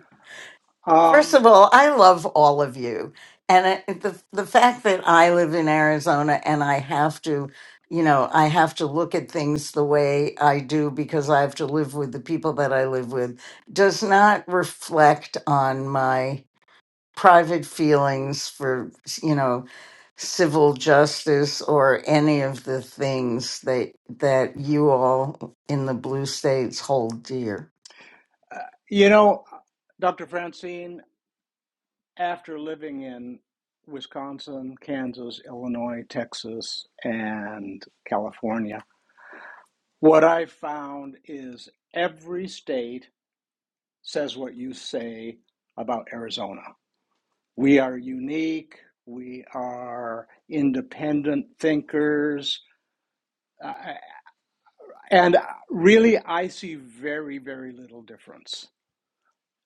[SPEAKER 1] First
[SPEAKER 6] Um,
[SPEAKER 1] of all, I love all of you. And it, the the fact that I live in Arizona and I have to, you know, I have to look at things the way I do because I have to live with the people that I live with does not reflect on my private feelings for, you know, civil justice or any of the things that that you all in the blue states hold dear.
[SPEAKER 6] uh, you know, Dr. Francine, after living in Wisconsin, Kansas, Illinois, Texas, and California. What I found is every state says what you say about Arizona. We are unique. We are independent thinkers. Uh, and really, I see very, very little difference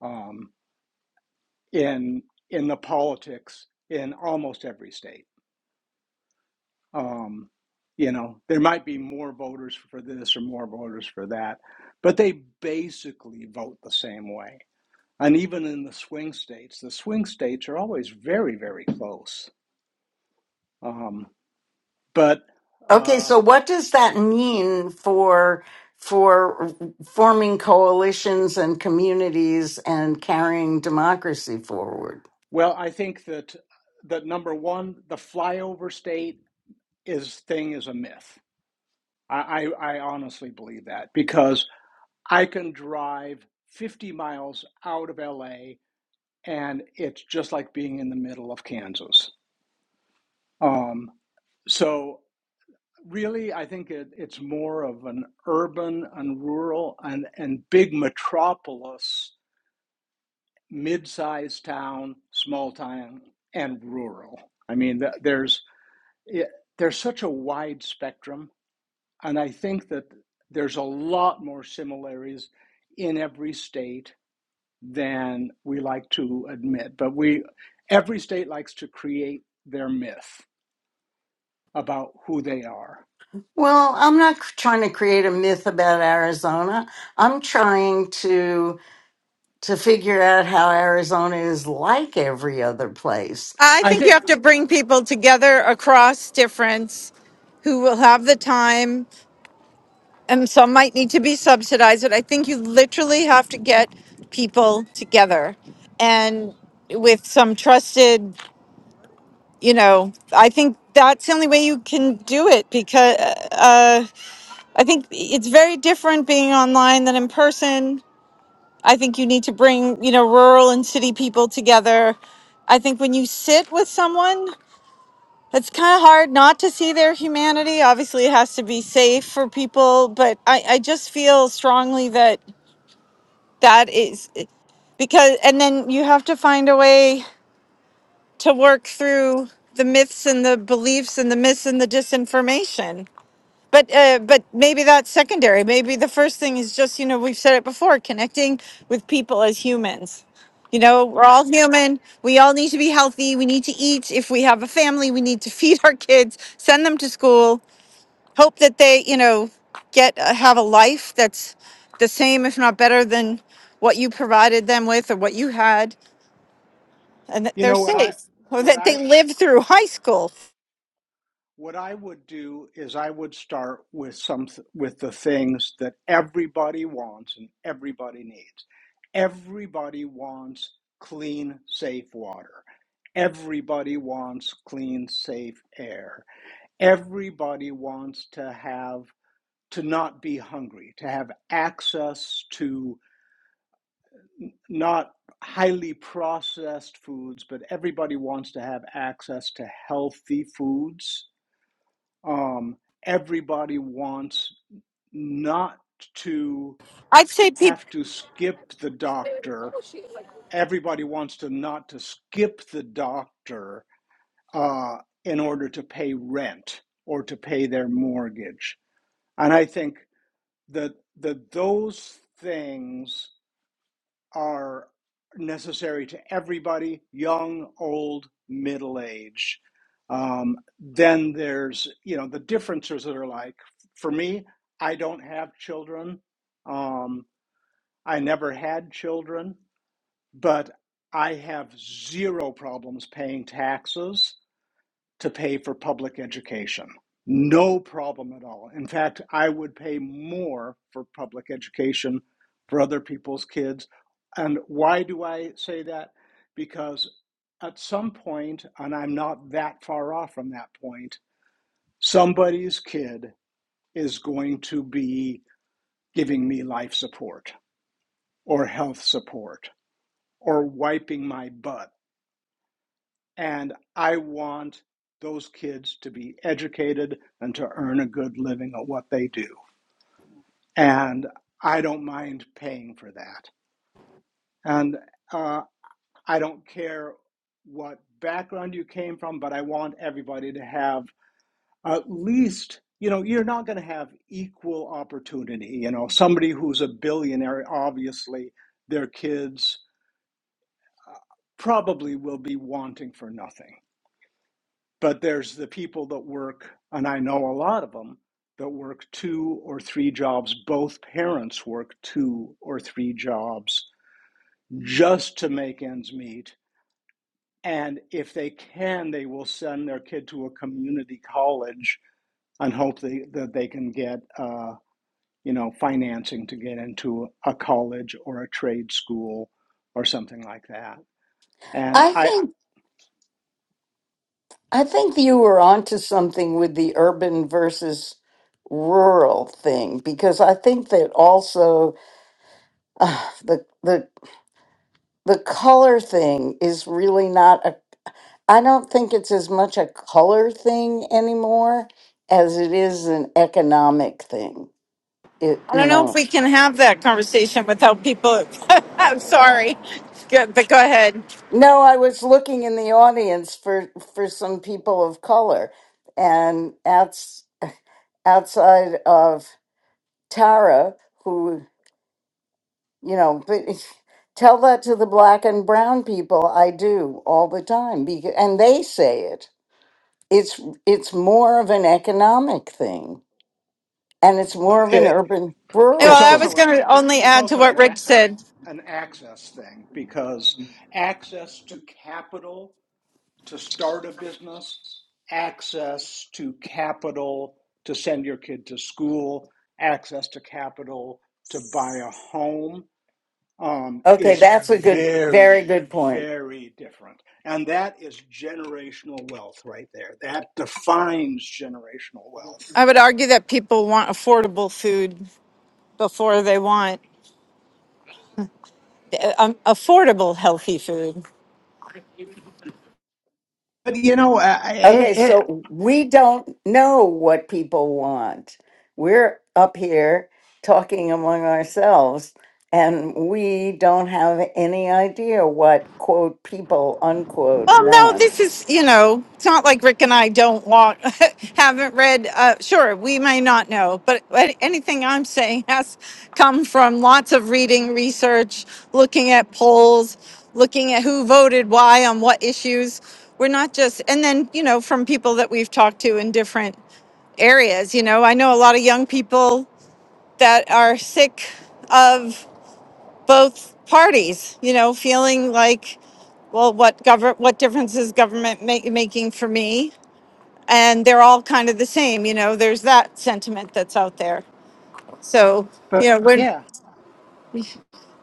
[SPEAKER 6] um, in, in the politics in almost every state. Um, you know, there might be more voters for this or more voters for that, but they basically vote the same way And even in the swing states, the swing states are always very, very close. Um, but
[SPEAKER 1] Okay,
[SPEAKER 6] uh,
[SPEAKER 1] so what does that mean for for forming coalitions and communities and carrying democracy forward?
[SPEAKER 6] well, I think that that number one, the flyover state is thing is a myth. I, I, I honestly believe that because I can drive 50 miles out of LA and it's just like being in the middle of Kansas. Um, so Really, I think it, it's more of an urban and rural and, and big metropolis, mid sized town, small town, and rural. I mean, there's, it, there's such a wide spectrum. And I think that there's a lot more similarities in every state than we like to admit. But we, every state likes to create their myth about who they are.
[SPEAKER 1] Well, I'm not c- trying to create a myth about Arizona. I'm trying to to figure out how Arizona is like every other place.
[SPEAKER 4] I
[SPEAKER 6] I
[SPEAKER 4] think you
[SPEAKER 6] think,
[SPEAKER 4] have to bring people together across difference who will have the time and some might need to be subsidized. But I think you literally have to get people together and with some trusted, you know, I think that's the only way you can do it because uh, uh, I think it's very different being online than in person. I think you need to bring, you know, rural and city people together. I think when you sit with someone, it's kind of hard not to see their humanity. Obviously, it has to be safe for people, but I, I just feel strongly that that is because, and then you have to find a way to work through the myths and the beliefs and the myths and the disinformation but uh, but maybe that's secondary. Maybe the first thing is just you know we've said it before, connecting with people as humans. You know, we're all human. We all need to be healthy. We need to eat. If we have a family, we need to feed our kids, send them to school, hope that they you know get uh, have a life that's the same, if not better, than what you provided them with or what you had, and that
[SPEAKER 6] you
[SPEAKER 4] they're
[SPEAKER 6] know, what I,
[SPEAKER 4] safe or
[SPEAKER 6] what
[SPEAKER 4] that
[SPEAKER 6] I
[SPEAKER 4] they live through high school.
[SPEAKER 6] What I would do is I would start with some with the things that everybody wants and everybody needs. Everybody wants clean, safe water. Everybody wants clean, safe air. Everybody wants to have to not be hungry, to have access to not highly processed foods, but everybody wants to have access to healthy foods um, everybody wants not to
[SPEAKER 4] I'd say people.
[SPEAKER 6] have to skip the doctor. Everybody wants to not to skip the doctor uh, in order to pay rent or to pay their mortgage. And I think that that those things are necessary to everybody, young, old, middle age. Um, then there's, you know, the differences that are like, for me, I don't have children. Um, I never had children, but I have zero problems paying taxes to pay for public education. No problem at all. In fact, I would pay more for public education for other people's kids. And why do I say that? Because at some point, and I'm not that far off from that point, somebody's kid is going to be giving me life support or health support or wiping my butt And I want those kids to be educated and to earn a good living at what they do. And I don't mind paying for that. And uh, I don't care what background you came from, but I want everybody to have at least, you know, you're not going to have equal opportunity. You know, somebody who's a billionaire, obviously, their kids uh, probably will be wanting for nothing But there's the people that work, and I know a lot of them, that work two or three jobs. Both parents work two or three jobs just to make ends meet. And if they can, they will send their kid to a community college and hope they, that they can get, uh, you know, financing to get into a college or a trade school or something like that. And
[SPEAKER 1] I
[SPEAKER 6] I,
[SPEAKER 1] think I think you were onto something with the urban versus rural thing because I think that also uh, the the the color thing is really not a i don't think it's as much a color thing anymore as it is an economic thing it
[SPEAKER 4] I don't
[SPEAKER 1] you
[SPEAKER 4] know if
[SPEAKER 1] know
[SPEAKER 4] we can have that conversation without people. Sorry, Good, but go ahead.
[SPEAKER 1] no i was looking in the audience for for some people of color and outs, outside of tara who you know but tell that to the black and brown people i do all the time because, and they say it it's it's more of an economic thing And it's more of an
[SPEAKER 6] it.
[SPEAKER 1] urban
[SPEAKER 6] It's
[SPEAKER 1] rural
[SPEAKER 4] Well, I was
[SPEAKER 6] also
[SPEAKER 1] thing.
[SPEAKER 4] going
[SPEAKER 6] it,
[SPEAKER 4] to only
[SPEAKER 6] it's
[SPEAKER 4] add to
[SPEAKER 6] also
[SPEAKER 4] what
[SPEAKER 6] an,
[SPEAKER 4] Rick
[SPEAKER 6] an
[SPEAKER 4] said.
[SPEAKER 6] an access thing because access to capital to start a business, access to capital to send your kid to school, access to capital to buy a home um,
[SPEAKER 1] Okay,
[SPEAKER 6] is
[SPEAKER 1] that's a good, very
[SPEAKER 6] very
[SPEAKER 1] good point.
[SPEAKER 6] very different, and that is generational wealth right there. That defines generational wealth.
[SPEAKER 4] I would argue that people want affordable food before they want uh, um, affordable healthy food.
[SPEAKER 6] But you know, I, I,
[SPEAKER 1] Okay,
[SPEAKER 6] I,
[SPEAKER 1] so we don't know what people want. We're up here talking among ourselves, and we don't have any idea what, quote, people, unquote,
[SPEAKER 4] Um, no, this
[SPEAKER 1] want.
[SPEAKER 4] is, you know, it's not like Rick and I don't want haven't read. Uh, sure, we may not know, but but anything I'm saying has come from lots of reading, research, looking at polls, looking at who voted why on what issues. We're not just, and then, you know, from people that we've talked to in different areas. You know, I know a lot of young people that are sick of both parties, you know, feeling like well, what govern what difference is government ma- making for me? And they're all kind of the same, you know. There's that sentiment that's out there. So
[SPEAKER 6] but
[SPEAKER 4] you know, we're
[SPEAKER 6] yeah.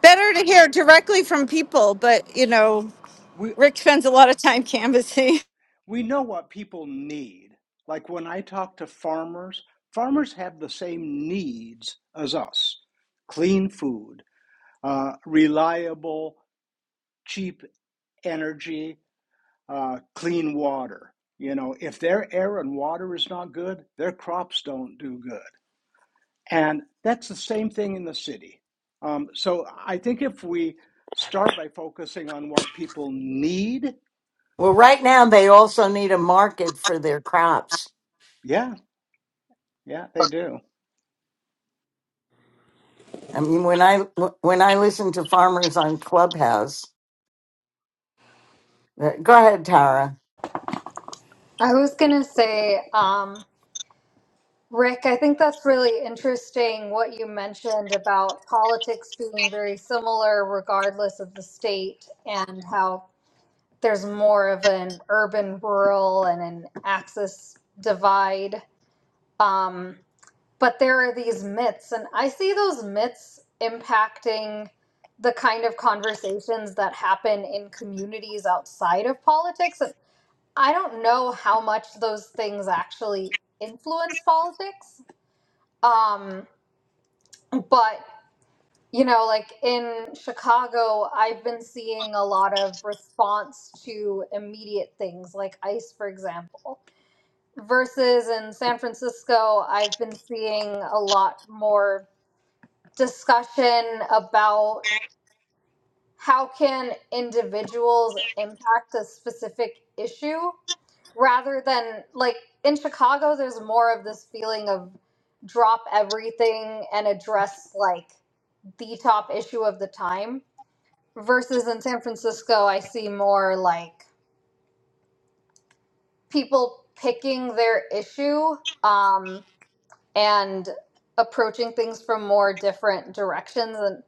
[SPEAKER 4] better to hear directly from people. But you know,
[SPEAKER 6] we.
[SPEAKER 4] Rick spends a lot of time canvassing.
[SPEAKER 6] we know what people need. Like when I talk to farmers, farmers have the same needs as us clean food, uh, reliable, cheap energy, uh, clean water. You know, if their air and water is not good, their crops don't do good. And that's the same thing in the city. Um, so I think if we start by focusing on what people need,
[SPEAKER 1] Well, right now they also need a market for their crops.
[SPEAKER 6] yeah, yeah, they do.
[SPEAKER 1] I mean, when I when I listen to farmers on Clubhouse, they're- go ahead, Tara.
[SPEAKER 2] I was gonna say, um, Rick, I think that's really interesting what you mentioned about politics being very similar regardless of the state and how there's more of an urban rural and an access divide. Um, but there are these myths, and I see those myths impacting the kind of conversations that happen in communities outside of politics. I don't know how much those things actually influence politics. Um, but you know like in chicago i've been seeing a lot of response to immediate things like ice for example versus in san francisco i've been seeing a lot more discussion about how can individuals impact a specific issue rather than like in chicago there's more of this feeling of drop everything and address like the top issue of the time versus in San Francisco, I see more like people picking their issue um, and approaching things from more different directions. And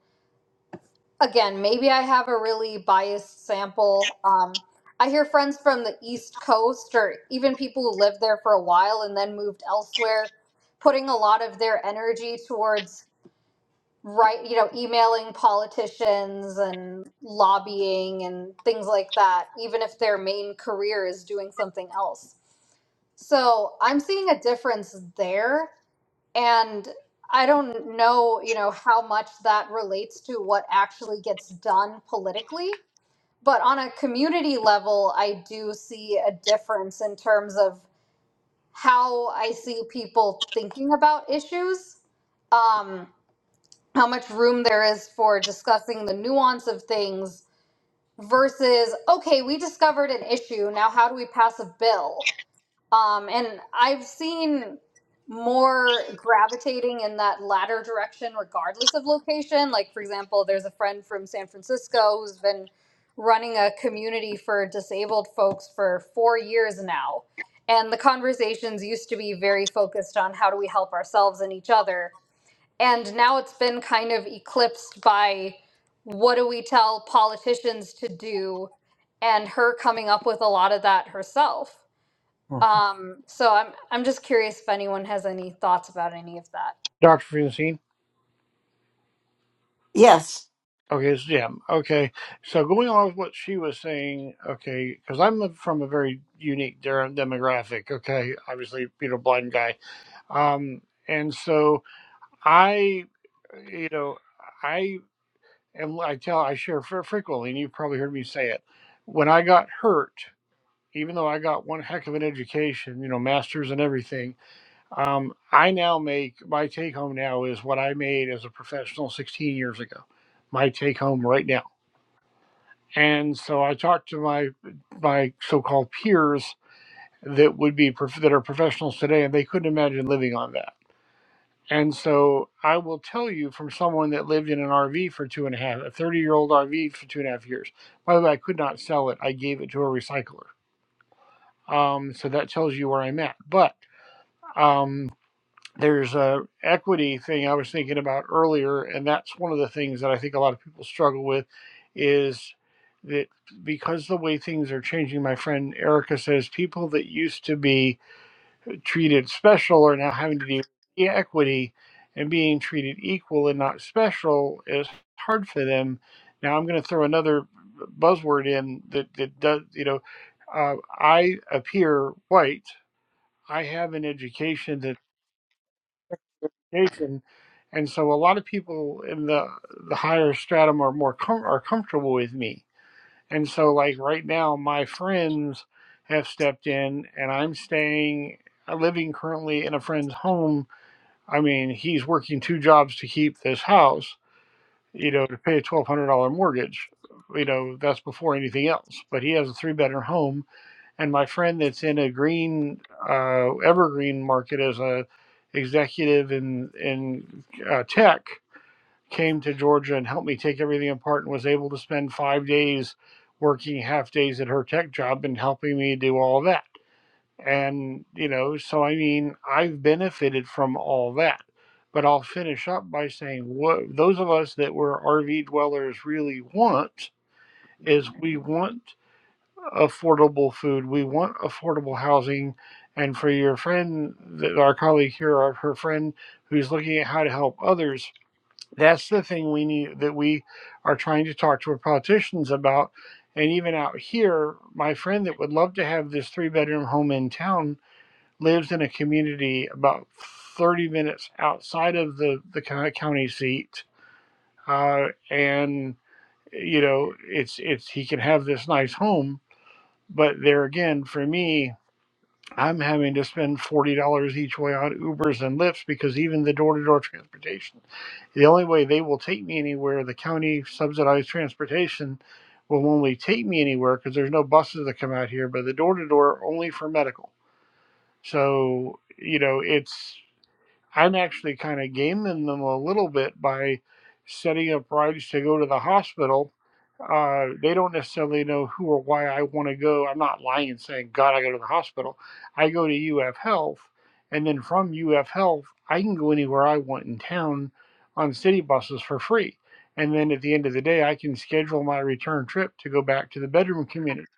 [SPEAKER 2] again, maybe I have a really biased sample. Um, I hear friends from the East Coast or even people who lived there for a while and then moved elsewhere putting a lot of their energy towards right you know emailing politicians and lobbying and things like that even if their main career is doing something else so i'm seeing a difference there and i don't know you know how much that relates to what actually gets done politically but on a community level i do see a difference in terms of how i see people thinking about issues Um, how much room there is for discussing the nuance of things versus okay we discovered an issue now how do we pass a bill um, and i've seen more gravitating in that latter direction regardless of location like for example there's a friend from san francisco who's been running a community for disabled folks for four years now and the conversations used to be very focused on how do we help ourselves and each other and now it's been kind of eclipsed by what do we tell politicians to do and her coming up with a lot of that herself um so i'm i'm just curious if anyone has any thoughts about any of that
[SPEAKER 5] Dr. Francine?
[SPEAKER 1] Yes.
[SPEAKER 5] Okay, it's Jim. Okay, so going off what she was saying, okay, because I'm a- from a very unique der- demographic. Okay, obviously, you know, blind guy. Um, and so I, you know, I am. I tell. I share fre- frequently, and you've probably heard me say it. When I got hurt, even though I got one heck of an education, you know, masters and everything, um, I now make my take home now is what I made as a professional 16 years ago. My take home right now And so I talked to my my so-called peers that would be that are professionals today, and they couldn't imagine living on that. And so I will tell you from someone that lived in an RV for two and a half, a 30 year old RV for two and a half years. By the way, I could not sell it. I gave it to a recycler. Um, so that tells you where I'm at. But um, there's a equity thing I was thinking about earlier, and that's one of the things that I think a lot of people struggle with is that because the way things are changing, my friend Erica says people that used to be treated special are now having to deal with equity and being treated equal and not special is hard for them. Now I'm going to throw another buzzword in that that does you know uh, I appear white. I have an education that nation, and so a lot of people in the the higher stratum are more com- are comfortable with me. And so, like right now, my friends have stepped in, and I'm staying, living currently in a friend's home. I mean, he's working two jobs to keep this house, you know, to pay a twelve hundred dollar mortgage. You know, that's before anything else. But he has a three bedroom home and my friend that's in a green uh, evergreen market as a executive in in uh, tech came to Georgia and helped me take everything apart and was able to spend five days working half days at her tech job and helping me do all that. And you know, so I mean, I've benefited from all that. But I'll finish up by saying what those of us that were RV dwellers really want is we want affordable food. We want affordable housing. And for your friend, th- our colleague here, or her friend who's looking at how to help others, that's the thing we need that we are trying to talk to our politicians about. And even out here, my friend that would love to have this three bedroom home in town lives in a community about 30 minutes outside of the, the county seat. Uh, and, you know, it's, it's, he can have this nice home but there again, for me, I'm having to spend forty dollars each way on Ubers and Lyfts because even the door-to-door transportation, the only way they will take me anywhere, the county subsidized transportation will only take me anywhere because there's no buses that come out here. But the door-to-door only for medical. So you know, it's I'm actually kind of gaming them a little bit by setting up rides to go to the hospital. Uh, they don't necessarily know who or why I want to go. I'm not lying and saying, God, I go to the hospital. I go to UF Health, and then from UF Health, I can go anywhere I want in town on city buses for free. And then at the end of the day, I can schedule my return trip to go back to the bedroom community.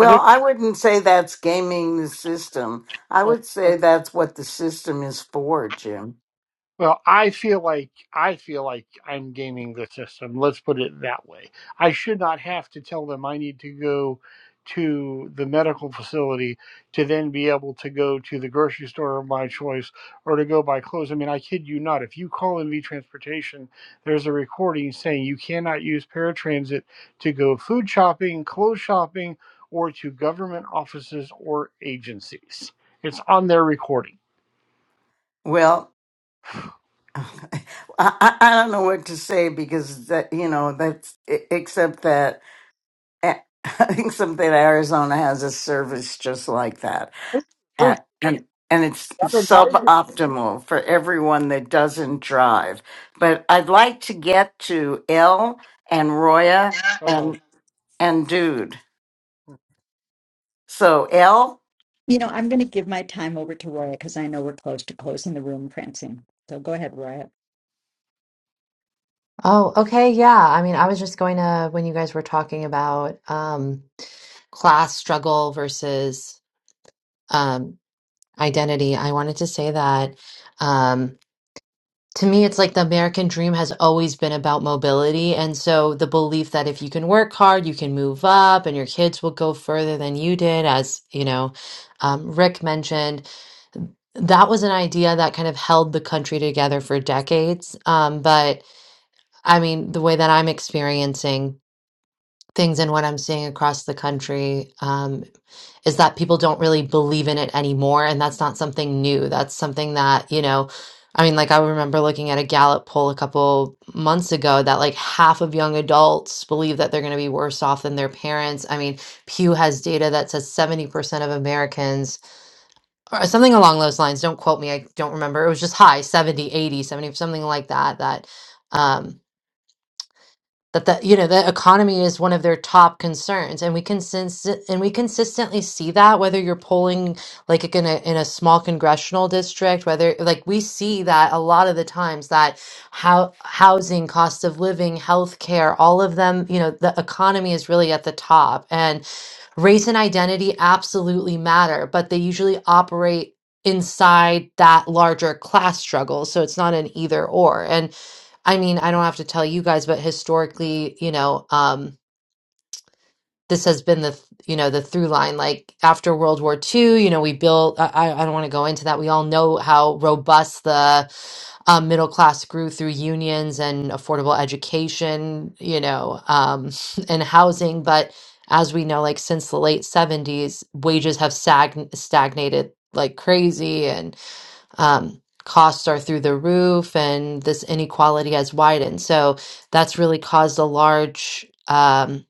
[SPEAKER 5] And there's
[SPEAKER 1] I wouldn't say that's gaming the system. I
[SPEAKER 5] a
[SPEAKER 1] would say that's what the system is for, Jim.
[SPEAKER 5] Well, I feel like I feel like I'm gaming the system. Let's put it that way. I should not have to tell them I need to go to the medical facility to then be able to go to the grocery store of my choice or to go buy clothes. I mean, I kid you not. If you call NV Transportation, there's a recording saying you cannot use paratransit to go food shopping, clothes shopping, or to government offices or agencies. It's on their recording.
[SPEAKER 1] Well, I, I I don't know what to say because that you know that's e- except that eh, except that Arizona has a service just like that, and and, and it's suboptimal for everyone that doesn't drive. But I'd like to get to L and Roya and and Dude. So L,
[SPEAKER 7] You know, I'm going to give my time over to Roya because I know we're close to closing the room, Francine. So go ahead, Roya.
[SPEAKER 8] Oh, okay. Yeah. I mean, I was just going to, when you guys were talking about um, class struggle versus um, identity, I wanted to say that um, to me, it's like the American dream has always been about mobility. And so the belief that if you can work hard, you can move up and your kids will go further than you did, as, you know, um, Rick mentioned, that was an idea that kind of held the country together for decades. Um, but I mean, the way that I'm experiencing. things and what I'm seeing across the country um, is that people don't really believe in it anymore. And that's not something new. That's something that, you know, I mean, like I remember looking at a Gallup poll a couple months ago that like half of young adults believe that they're going to be worse off than their parents. I mean, Pew has data that says 70% of Americans, or something along those lines, don't quote me, I don't remember. It was just high 70, 80, 70, something like that, that. um, that the you know the economy is one of their top concerns and we can sense it- and we consistently see that whether you're polling like in a in a small congressional district whether like we see that a lot of the times that how housing cost of living health care all of them you know the economy is really at the top and race and identity absolutely matter but they usually operate inside that larger class struggle so it's not an either or and I mean, I don't have to tell you guys, but historically, you know, um, this has been the, you know, the through line. Like after World War II, you know, we built, I, I I don't want to go into that. We all know how robust the um, middle class grew through unions and affordable education, you know, um, and housing. But as we know, like since the late 70s, wages have stagn- stagnated like crazy. Um, costs are through the roof, and this inequality has widened. So that's really caused a large um,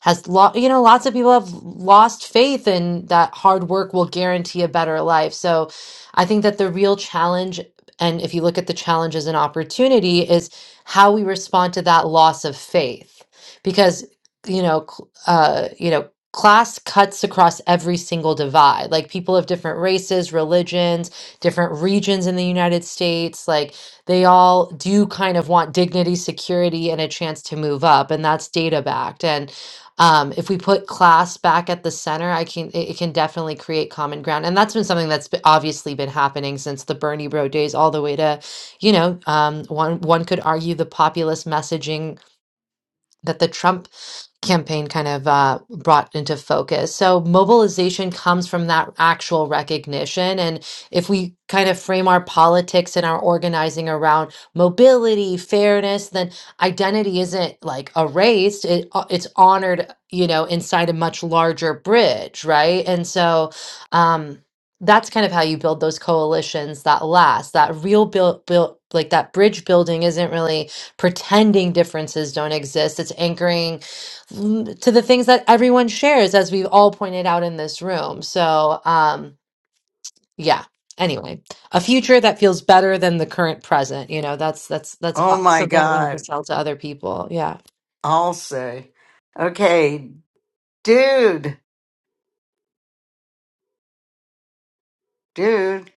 [SPEAKER 8] has lo- you know lots of people have lost faith in that hard work will guarantee a better life so i think that the real challenge and if you look at the challenge as an opportunity is how we respond to that loss of faith because you know cl- uh you know class cuts across every single divide like people of different races religions different regions in the united states like they all do kind of want dignity security and a chance to move up and that's data backed and um, if we put class back at the center, I can it, it can definitely create common ground, and that's been something that's be- obviously been happening since the Bernie Bro days, all the way to, you know, um, one one could argue the populist messaging that the Trump campaign kind of uh, brought into focus. So mobilization comes from that actual recognition. And if we kind of frame our politics and our organizing around mobility, fairness, then identity isn't like erased. It, uh, it's honored, you know, inside a much larger bridge, right? And so, um, that's kind of how you build those coalitions that last. That real build, build like that bridge building isn't really pretending differences don't exist. It's anchoring l- to the things that everyone shares, as we've all pointed out in this room. So, um, yeah. Anyway, a future that feels better than the current present. You know, that's that's that's uh,
[SPEAKER 1] oh my
[SPEAKER 8] something that we need to
[SPEAKER 1] God,
[SPEAKER 8] sell to other people. Yeah.
[SPEAKER 1] I'll say, okay, Dude, Dude,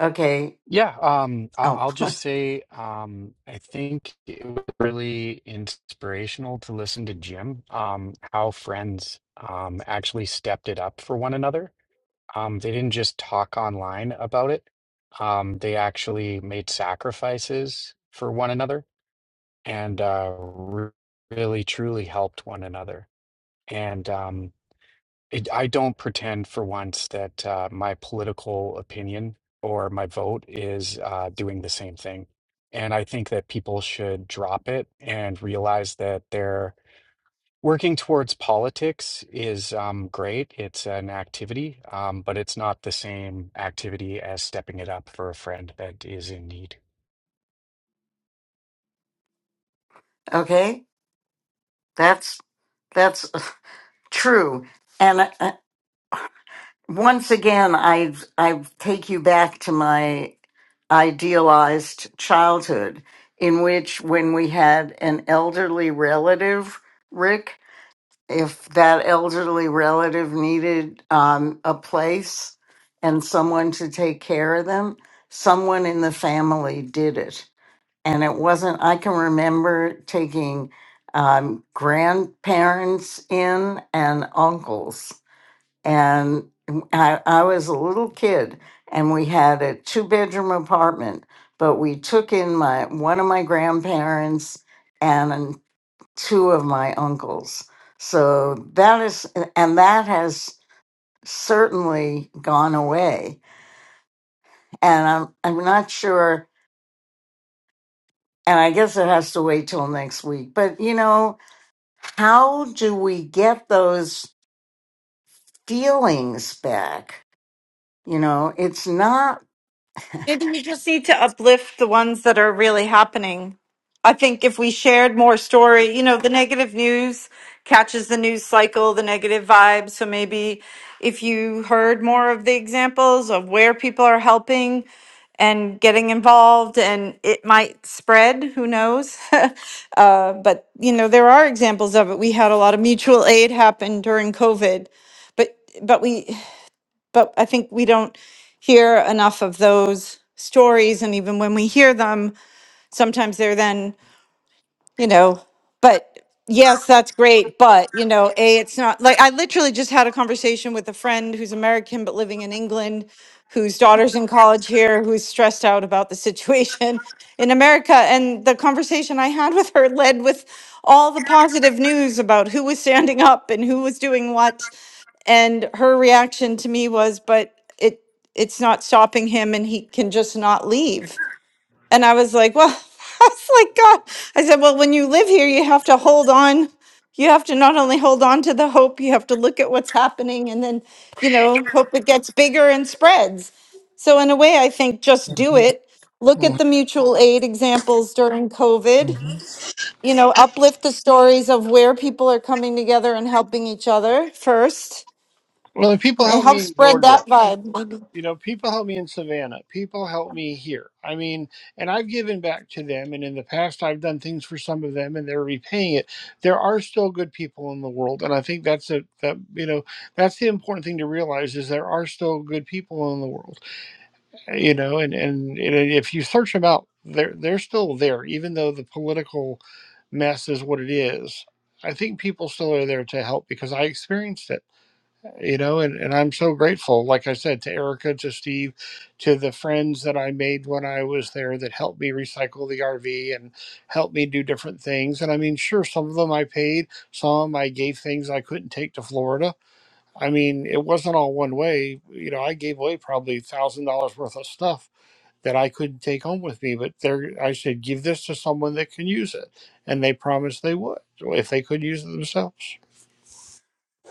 [SPEAKER 1] okay.
[SPEAKER 9] Yeah, um, I-
[SPEAKER 1] Oh.
[SPEAKER 9] I'll just say um, I think it was really inspirational to listen to Jim, um, how friends um, actually stepped it up for one another. Um, they didn't just talk online about it. Um, they actually made sacrifices for one another and uh, re- really truly helped one another. And um, it, I don't pretend for once that uh, my political opinion or my vote is uh, doing the same thing. And I think that people should drop it and realize that they're working towards politics is um, great. It's an activity, um, but it's not the same activity as stepping it up for a friend that is in need.
[SPEAKER 1] Okay, that's that's true. And uh, uh, once again, I I take you back to my idealized childhood, in which when we had an elderly relative, Rick, if that elderly relative needed um, a place and someone to take care of them, someone in the family did it and it wasn't i can remember taking um, grandparents in and uncles and I, I was a little kid and we had a two bedroom apartment but we took in my one of my grandparents and two of my uncles so that is and that has certainly gone away and i'm i'm not sure and i guess it has to wait till next week but you know how do we get those feelings back? You know, it's not
[SPEAKER 4] Maybe you just need to uplift the ones that are really happening. I think if we shared more story, you know, the negative news catches the news cycle, the negative vibe. So maybe if you heard more of the examples of where people are helping and getting involved, and it might spread, who knows? uh, but, you know, there are examples of it. We had a lot of mutual aid happen during COVID but but we but I think we don't hear enough of those stories. And even when we hear them, sometimes they're then, you know, but yes, that's great. But, you know, A, it's not like I literally just had a conversation with a friend who's American but living in England, whose daughter's in college here, who's stressed out about the situation in America. And the conversation I had with her led with all the positive news about who was standing up and who was doing what and her reaction to me was but it it's not stopping him and he can just not leave and i was like well i was like god i said well when you live here you have to hold on you have to not only hold on to the hope you have to look at what's happening and then you know hope it gets bigger and spreads so in a way i think just do it look at the mutual aid examples during covid
[SPEAKER 5] Mhm.
[SPEAKER 4] you know uplift the stories of where people are coming together and helping each other first
[SPEAKER 5] Well, the people
[SPEAKER 4] it
[SPEAKER 5] help me
[SPEAKER 4] helps
[SPEAKER 5] in
[SPEAKER 4] spread
[SPEAKER 5] Georgia.
[SPEAKER 4] that vibe.
[SPEAKER 5] You know, people help me in Savannah. People help me here. I mean, and I've given back to them, and in the past, I've done things for some of them, and they're repaying it. There are still good people in the world, and I think that's a that you know that's the important thing to realize is there are still good people in the world. You know, and and, and if you search them out, they're they're still there, even though the political mess is what it is. I think people still are there to help because I experienced it you know and, and i'm so grateful like i said to erica to steve to the friends that i made when i was there that helped me recycle the rv and helped me do different things and i mean sure some of them i paid some i gave things i couldn't take to florida i mean it wasn't all one way you know i gave away probably thousand dollars worth of stuff that I couldn't take home with me. But there, I said, give this to someone that can use it, and they promised they would if they could use it themselves.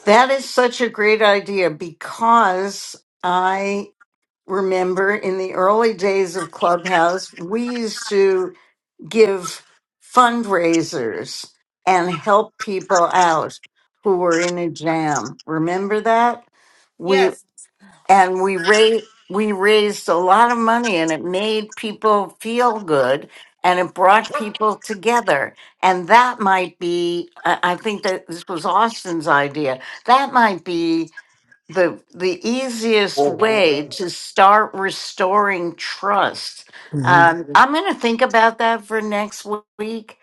[SPEAKER 1] that is such a great idea because I remember in the early days of Clubhouse, we used to give fundraisers and help people out who were in a jam. Remember that? We
[SPEAKER 4] Yes.
[SPEAKER 1] and we raised we raised a lot of money and it made people feel good and it brought people together and that might be i I think that this was austin's idea that might be the the easiest way to start restoring trust. Um, Mhm. I'm going to think about that for next week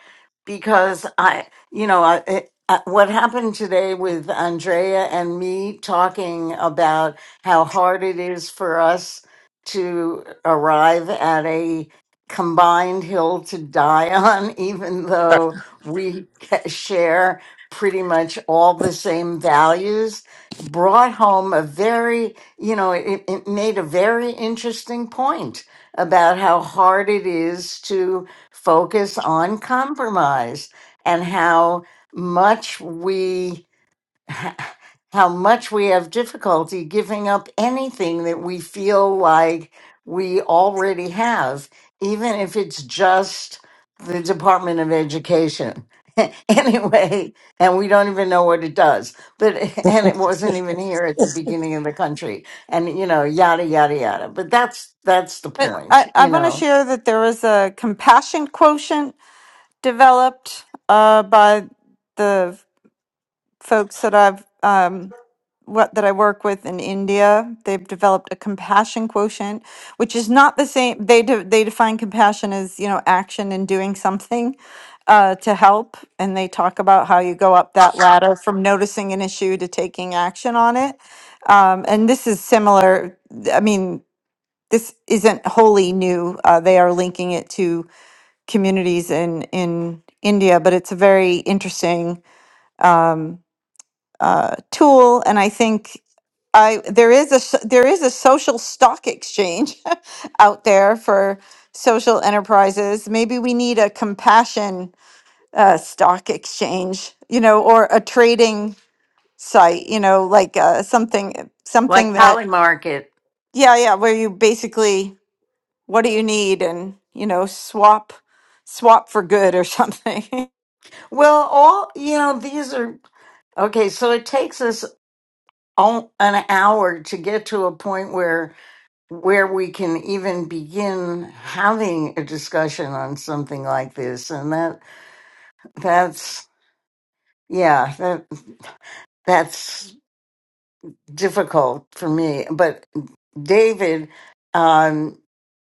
[SPEAKER 1] because I, you know, I, it, I, what happened today with Andrea and me talking about how hard it is for us to arrive at a combined hill to die on, even though we share pretty much all the same values brought home a very, you know, it, it made a very interesting point about how hard it is to focus on compromise and how much we how much we have difficulty giving up anything that we feel like we already have, even if it's just the Department of Education. anyway, and we don't even know what it does. But and it wasn't even here at the beginning of the country. And you know, yada yada yada. But that's that's the
[SPEAKER 4] But I,
[SPEAKER 1] point,
[SPEAKER 4] I
[SPEAKER 1] you
[SPEAKER 4] want to
[SPEAKER 1] know.
[SPEAKER 4] share that there was a compassion quotient developed uh, by the folks that I've um, what that I work with in India. They've developed a compassion quotient, which is not the same. They de- they define compassion as you know action and doing something uh, to help, and they talk about how you go up that ladder from noticing an issue to taking action on it. Um, and this is similar. I mean. this isn't wholly new. Uh, they are linking it to communities in in India, but it's a very interesting um, uh, tool, and I think. I, there is a s- there is a social stock exchange out there for social enterprises. Maybe we need a compassion uh, stock exchange, you know, or a trading site, you know, like uh, something something
[SPEAKER 1] Like
[SPEAKER 4] Right. that
[SPEAKER 1] Polymarket.
[SPEAKER 4] yeah yeah where you basically what do you need and you know swap swap for good or something
[SPEAKER 1] Well, all you know, these are okay, so it takes us all, an hour to get to a point where where we can even begin having a discussion on something like this and that that's yeah that that's difficult for me but david um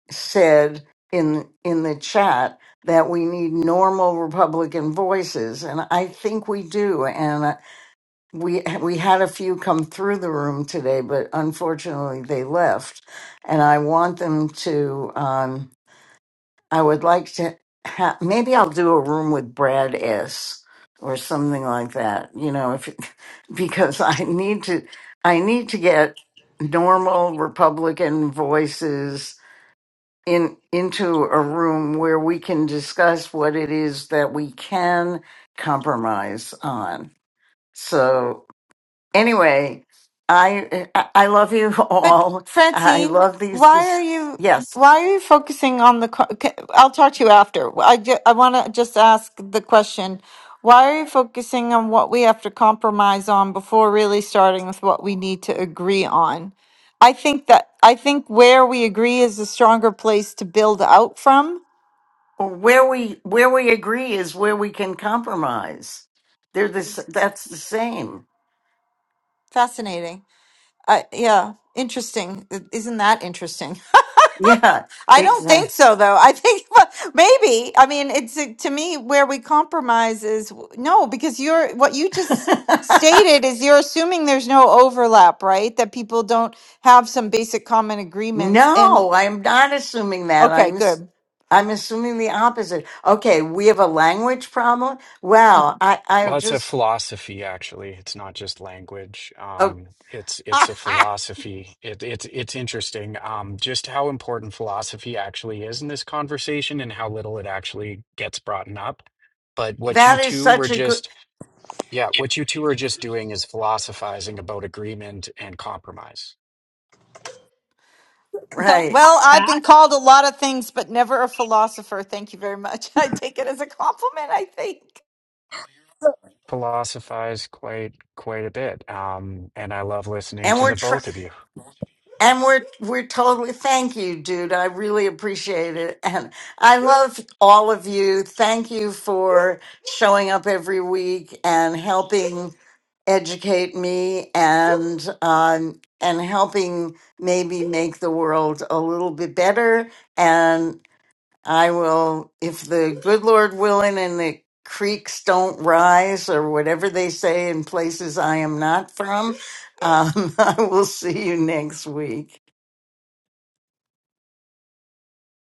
[SPEAKER 1] said in in the chat that we need normal republican voices and i think we do and. we we had a few come through the room today, but unfortunately they left. And I want them to. Um, I would like to. Ha- maybe I'll do a room with Brad S. or something like that. You know, if because I need to. I need to get normal Republican voices in into a room where we can discuss what it is that we can compromise on. So anyway, I I love you
[SPEAKER 4] but
[SPEAKER 1] all. I
[SPEAKER 4] francine
[SPEAKER 1] love these.
[SPEAKER 4] why are
[SPEAKER 1] This,
[SPEAKER 4] you
[SPEAKER 1] yes,
[SPEAKER 4] why are you focusing on the co- okay, i'll talk to you after Well, i, ju- I want to just ask the question why are you focusing on what we have to compromise on before really starting with what we need to agree on i think that i think where we agree is a stronger place to build out from
[SPEAKER 1] where we where we agree is where we can compromise. They're this. That's the same.
[SPEAKER 4] fascinating I yeah interesting isn't that interesting
[SPEAKER 1] Yeah,
[SPEAKER 4] I don't think
[SPEAKER 1] exactly.
[SPEAKER 4] so, though. I think maybe. I mean, it's uh, to me where we compromise is w- no, because you're what you just stated is you're assuming there's no overlap, right? That people don't have some basic common agreements. And
[SPEAKER 1] no, I'm not assuming that.
[SPEAKER 4] okay,
[SPEAKER 1] I'm s-
[SPEAKER 4] good.
[SPEAKER 1] I'm assuming the opposite. Okay, we have a language problem. Wow,
[SPEAKER 4] Mhm.
[SPEAKER 1] I I
[SPEAKER 9] Well,
[SPEAKER 1] have
[SPEAKER 9] it's a
[SPEAKER 1] just
[SPEAKER 9] philosophy, actually. It's not just language.
[SPEAKER 1] oh
[SPEAKER 9] Um, it's it's
[SPEAKER 4] Ah,
[SPEAKER 9] a philosophy. It, it's it's interesting, um, just how important philosophy actually is in this conversation and how little it actually gets brought up. But what you
[SPEAKER 1] that is
[SPEAKER 9] two were
[SPEAKER 1] such a good
[SPEAKER 9] just, yeah, what you two are just doing is philosophizing about agreement and compromise.
[SPEAKER 2] Going
[SPEAKER 1] right.
[SPEAKER 2] off
[SPEAKER 4] well,
[SPEAKER 2] of
[SPEAKER 4] I've
[SPEAKER 2] that.
[SPEAKER 4] been called a lot of things, but never a philosopher. Thank you very much. I take it as a compliment, I think.
[SPEAKER 9] Philosophize quite quite a bit, um, and I love listening
[SPEAKER 1] And
[SPEAKER 9] to
[SPEAKER 1] we're
[SPEAKER 9] the both of you.
[SPEAKER 1] And we're we're totally thank you, dude. I really appreciate it. And I love all of you. Thank you for showing up every week and helping educate me and um and helping maybe make the world a little bit better. And I will, if the good Lord willing and the creeks don't rise or whatever they say in places I am not from, um, I will see you next week.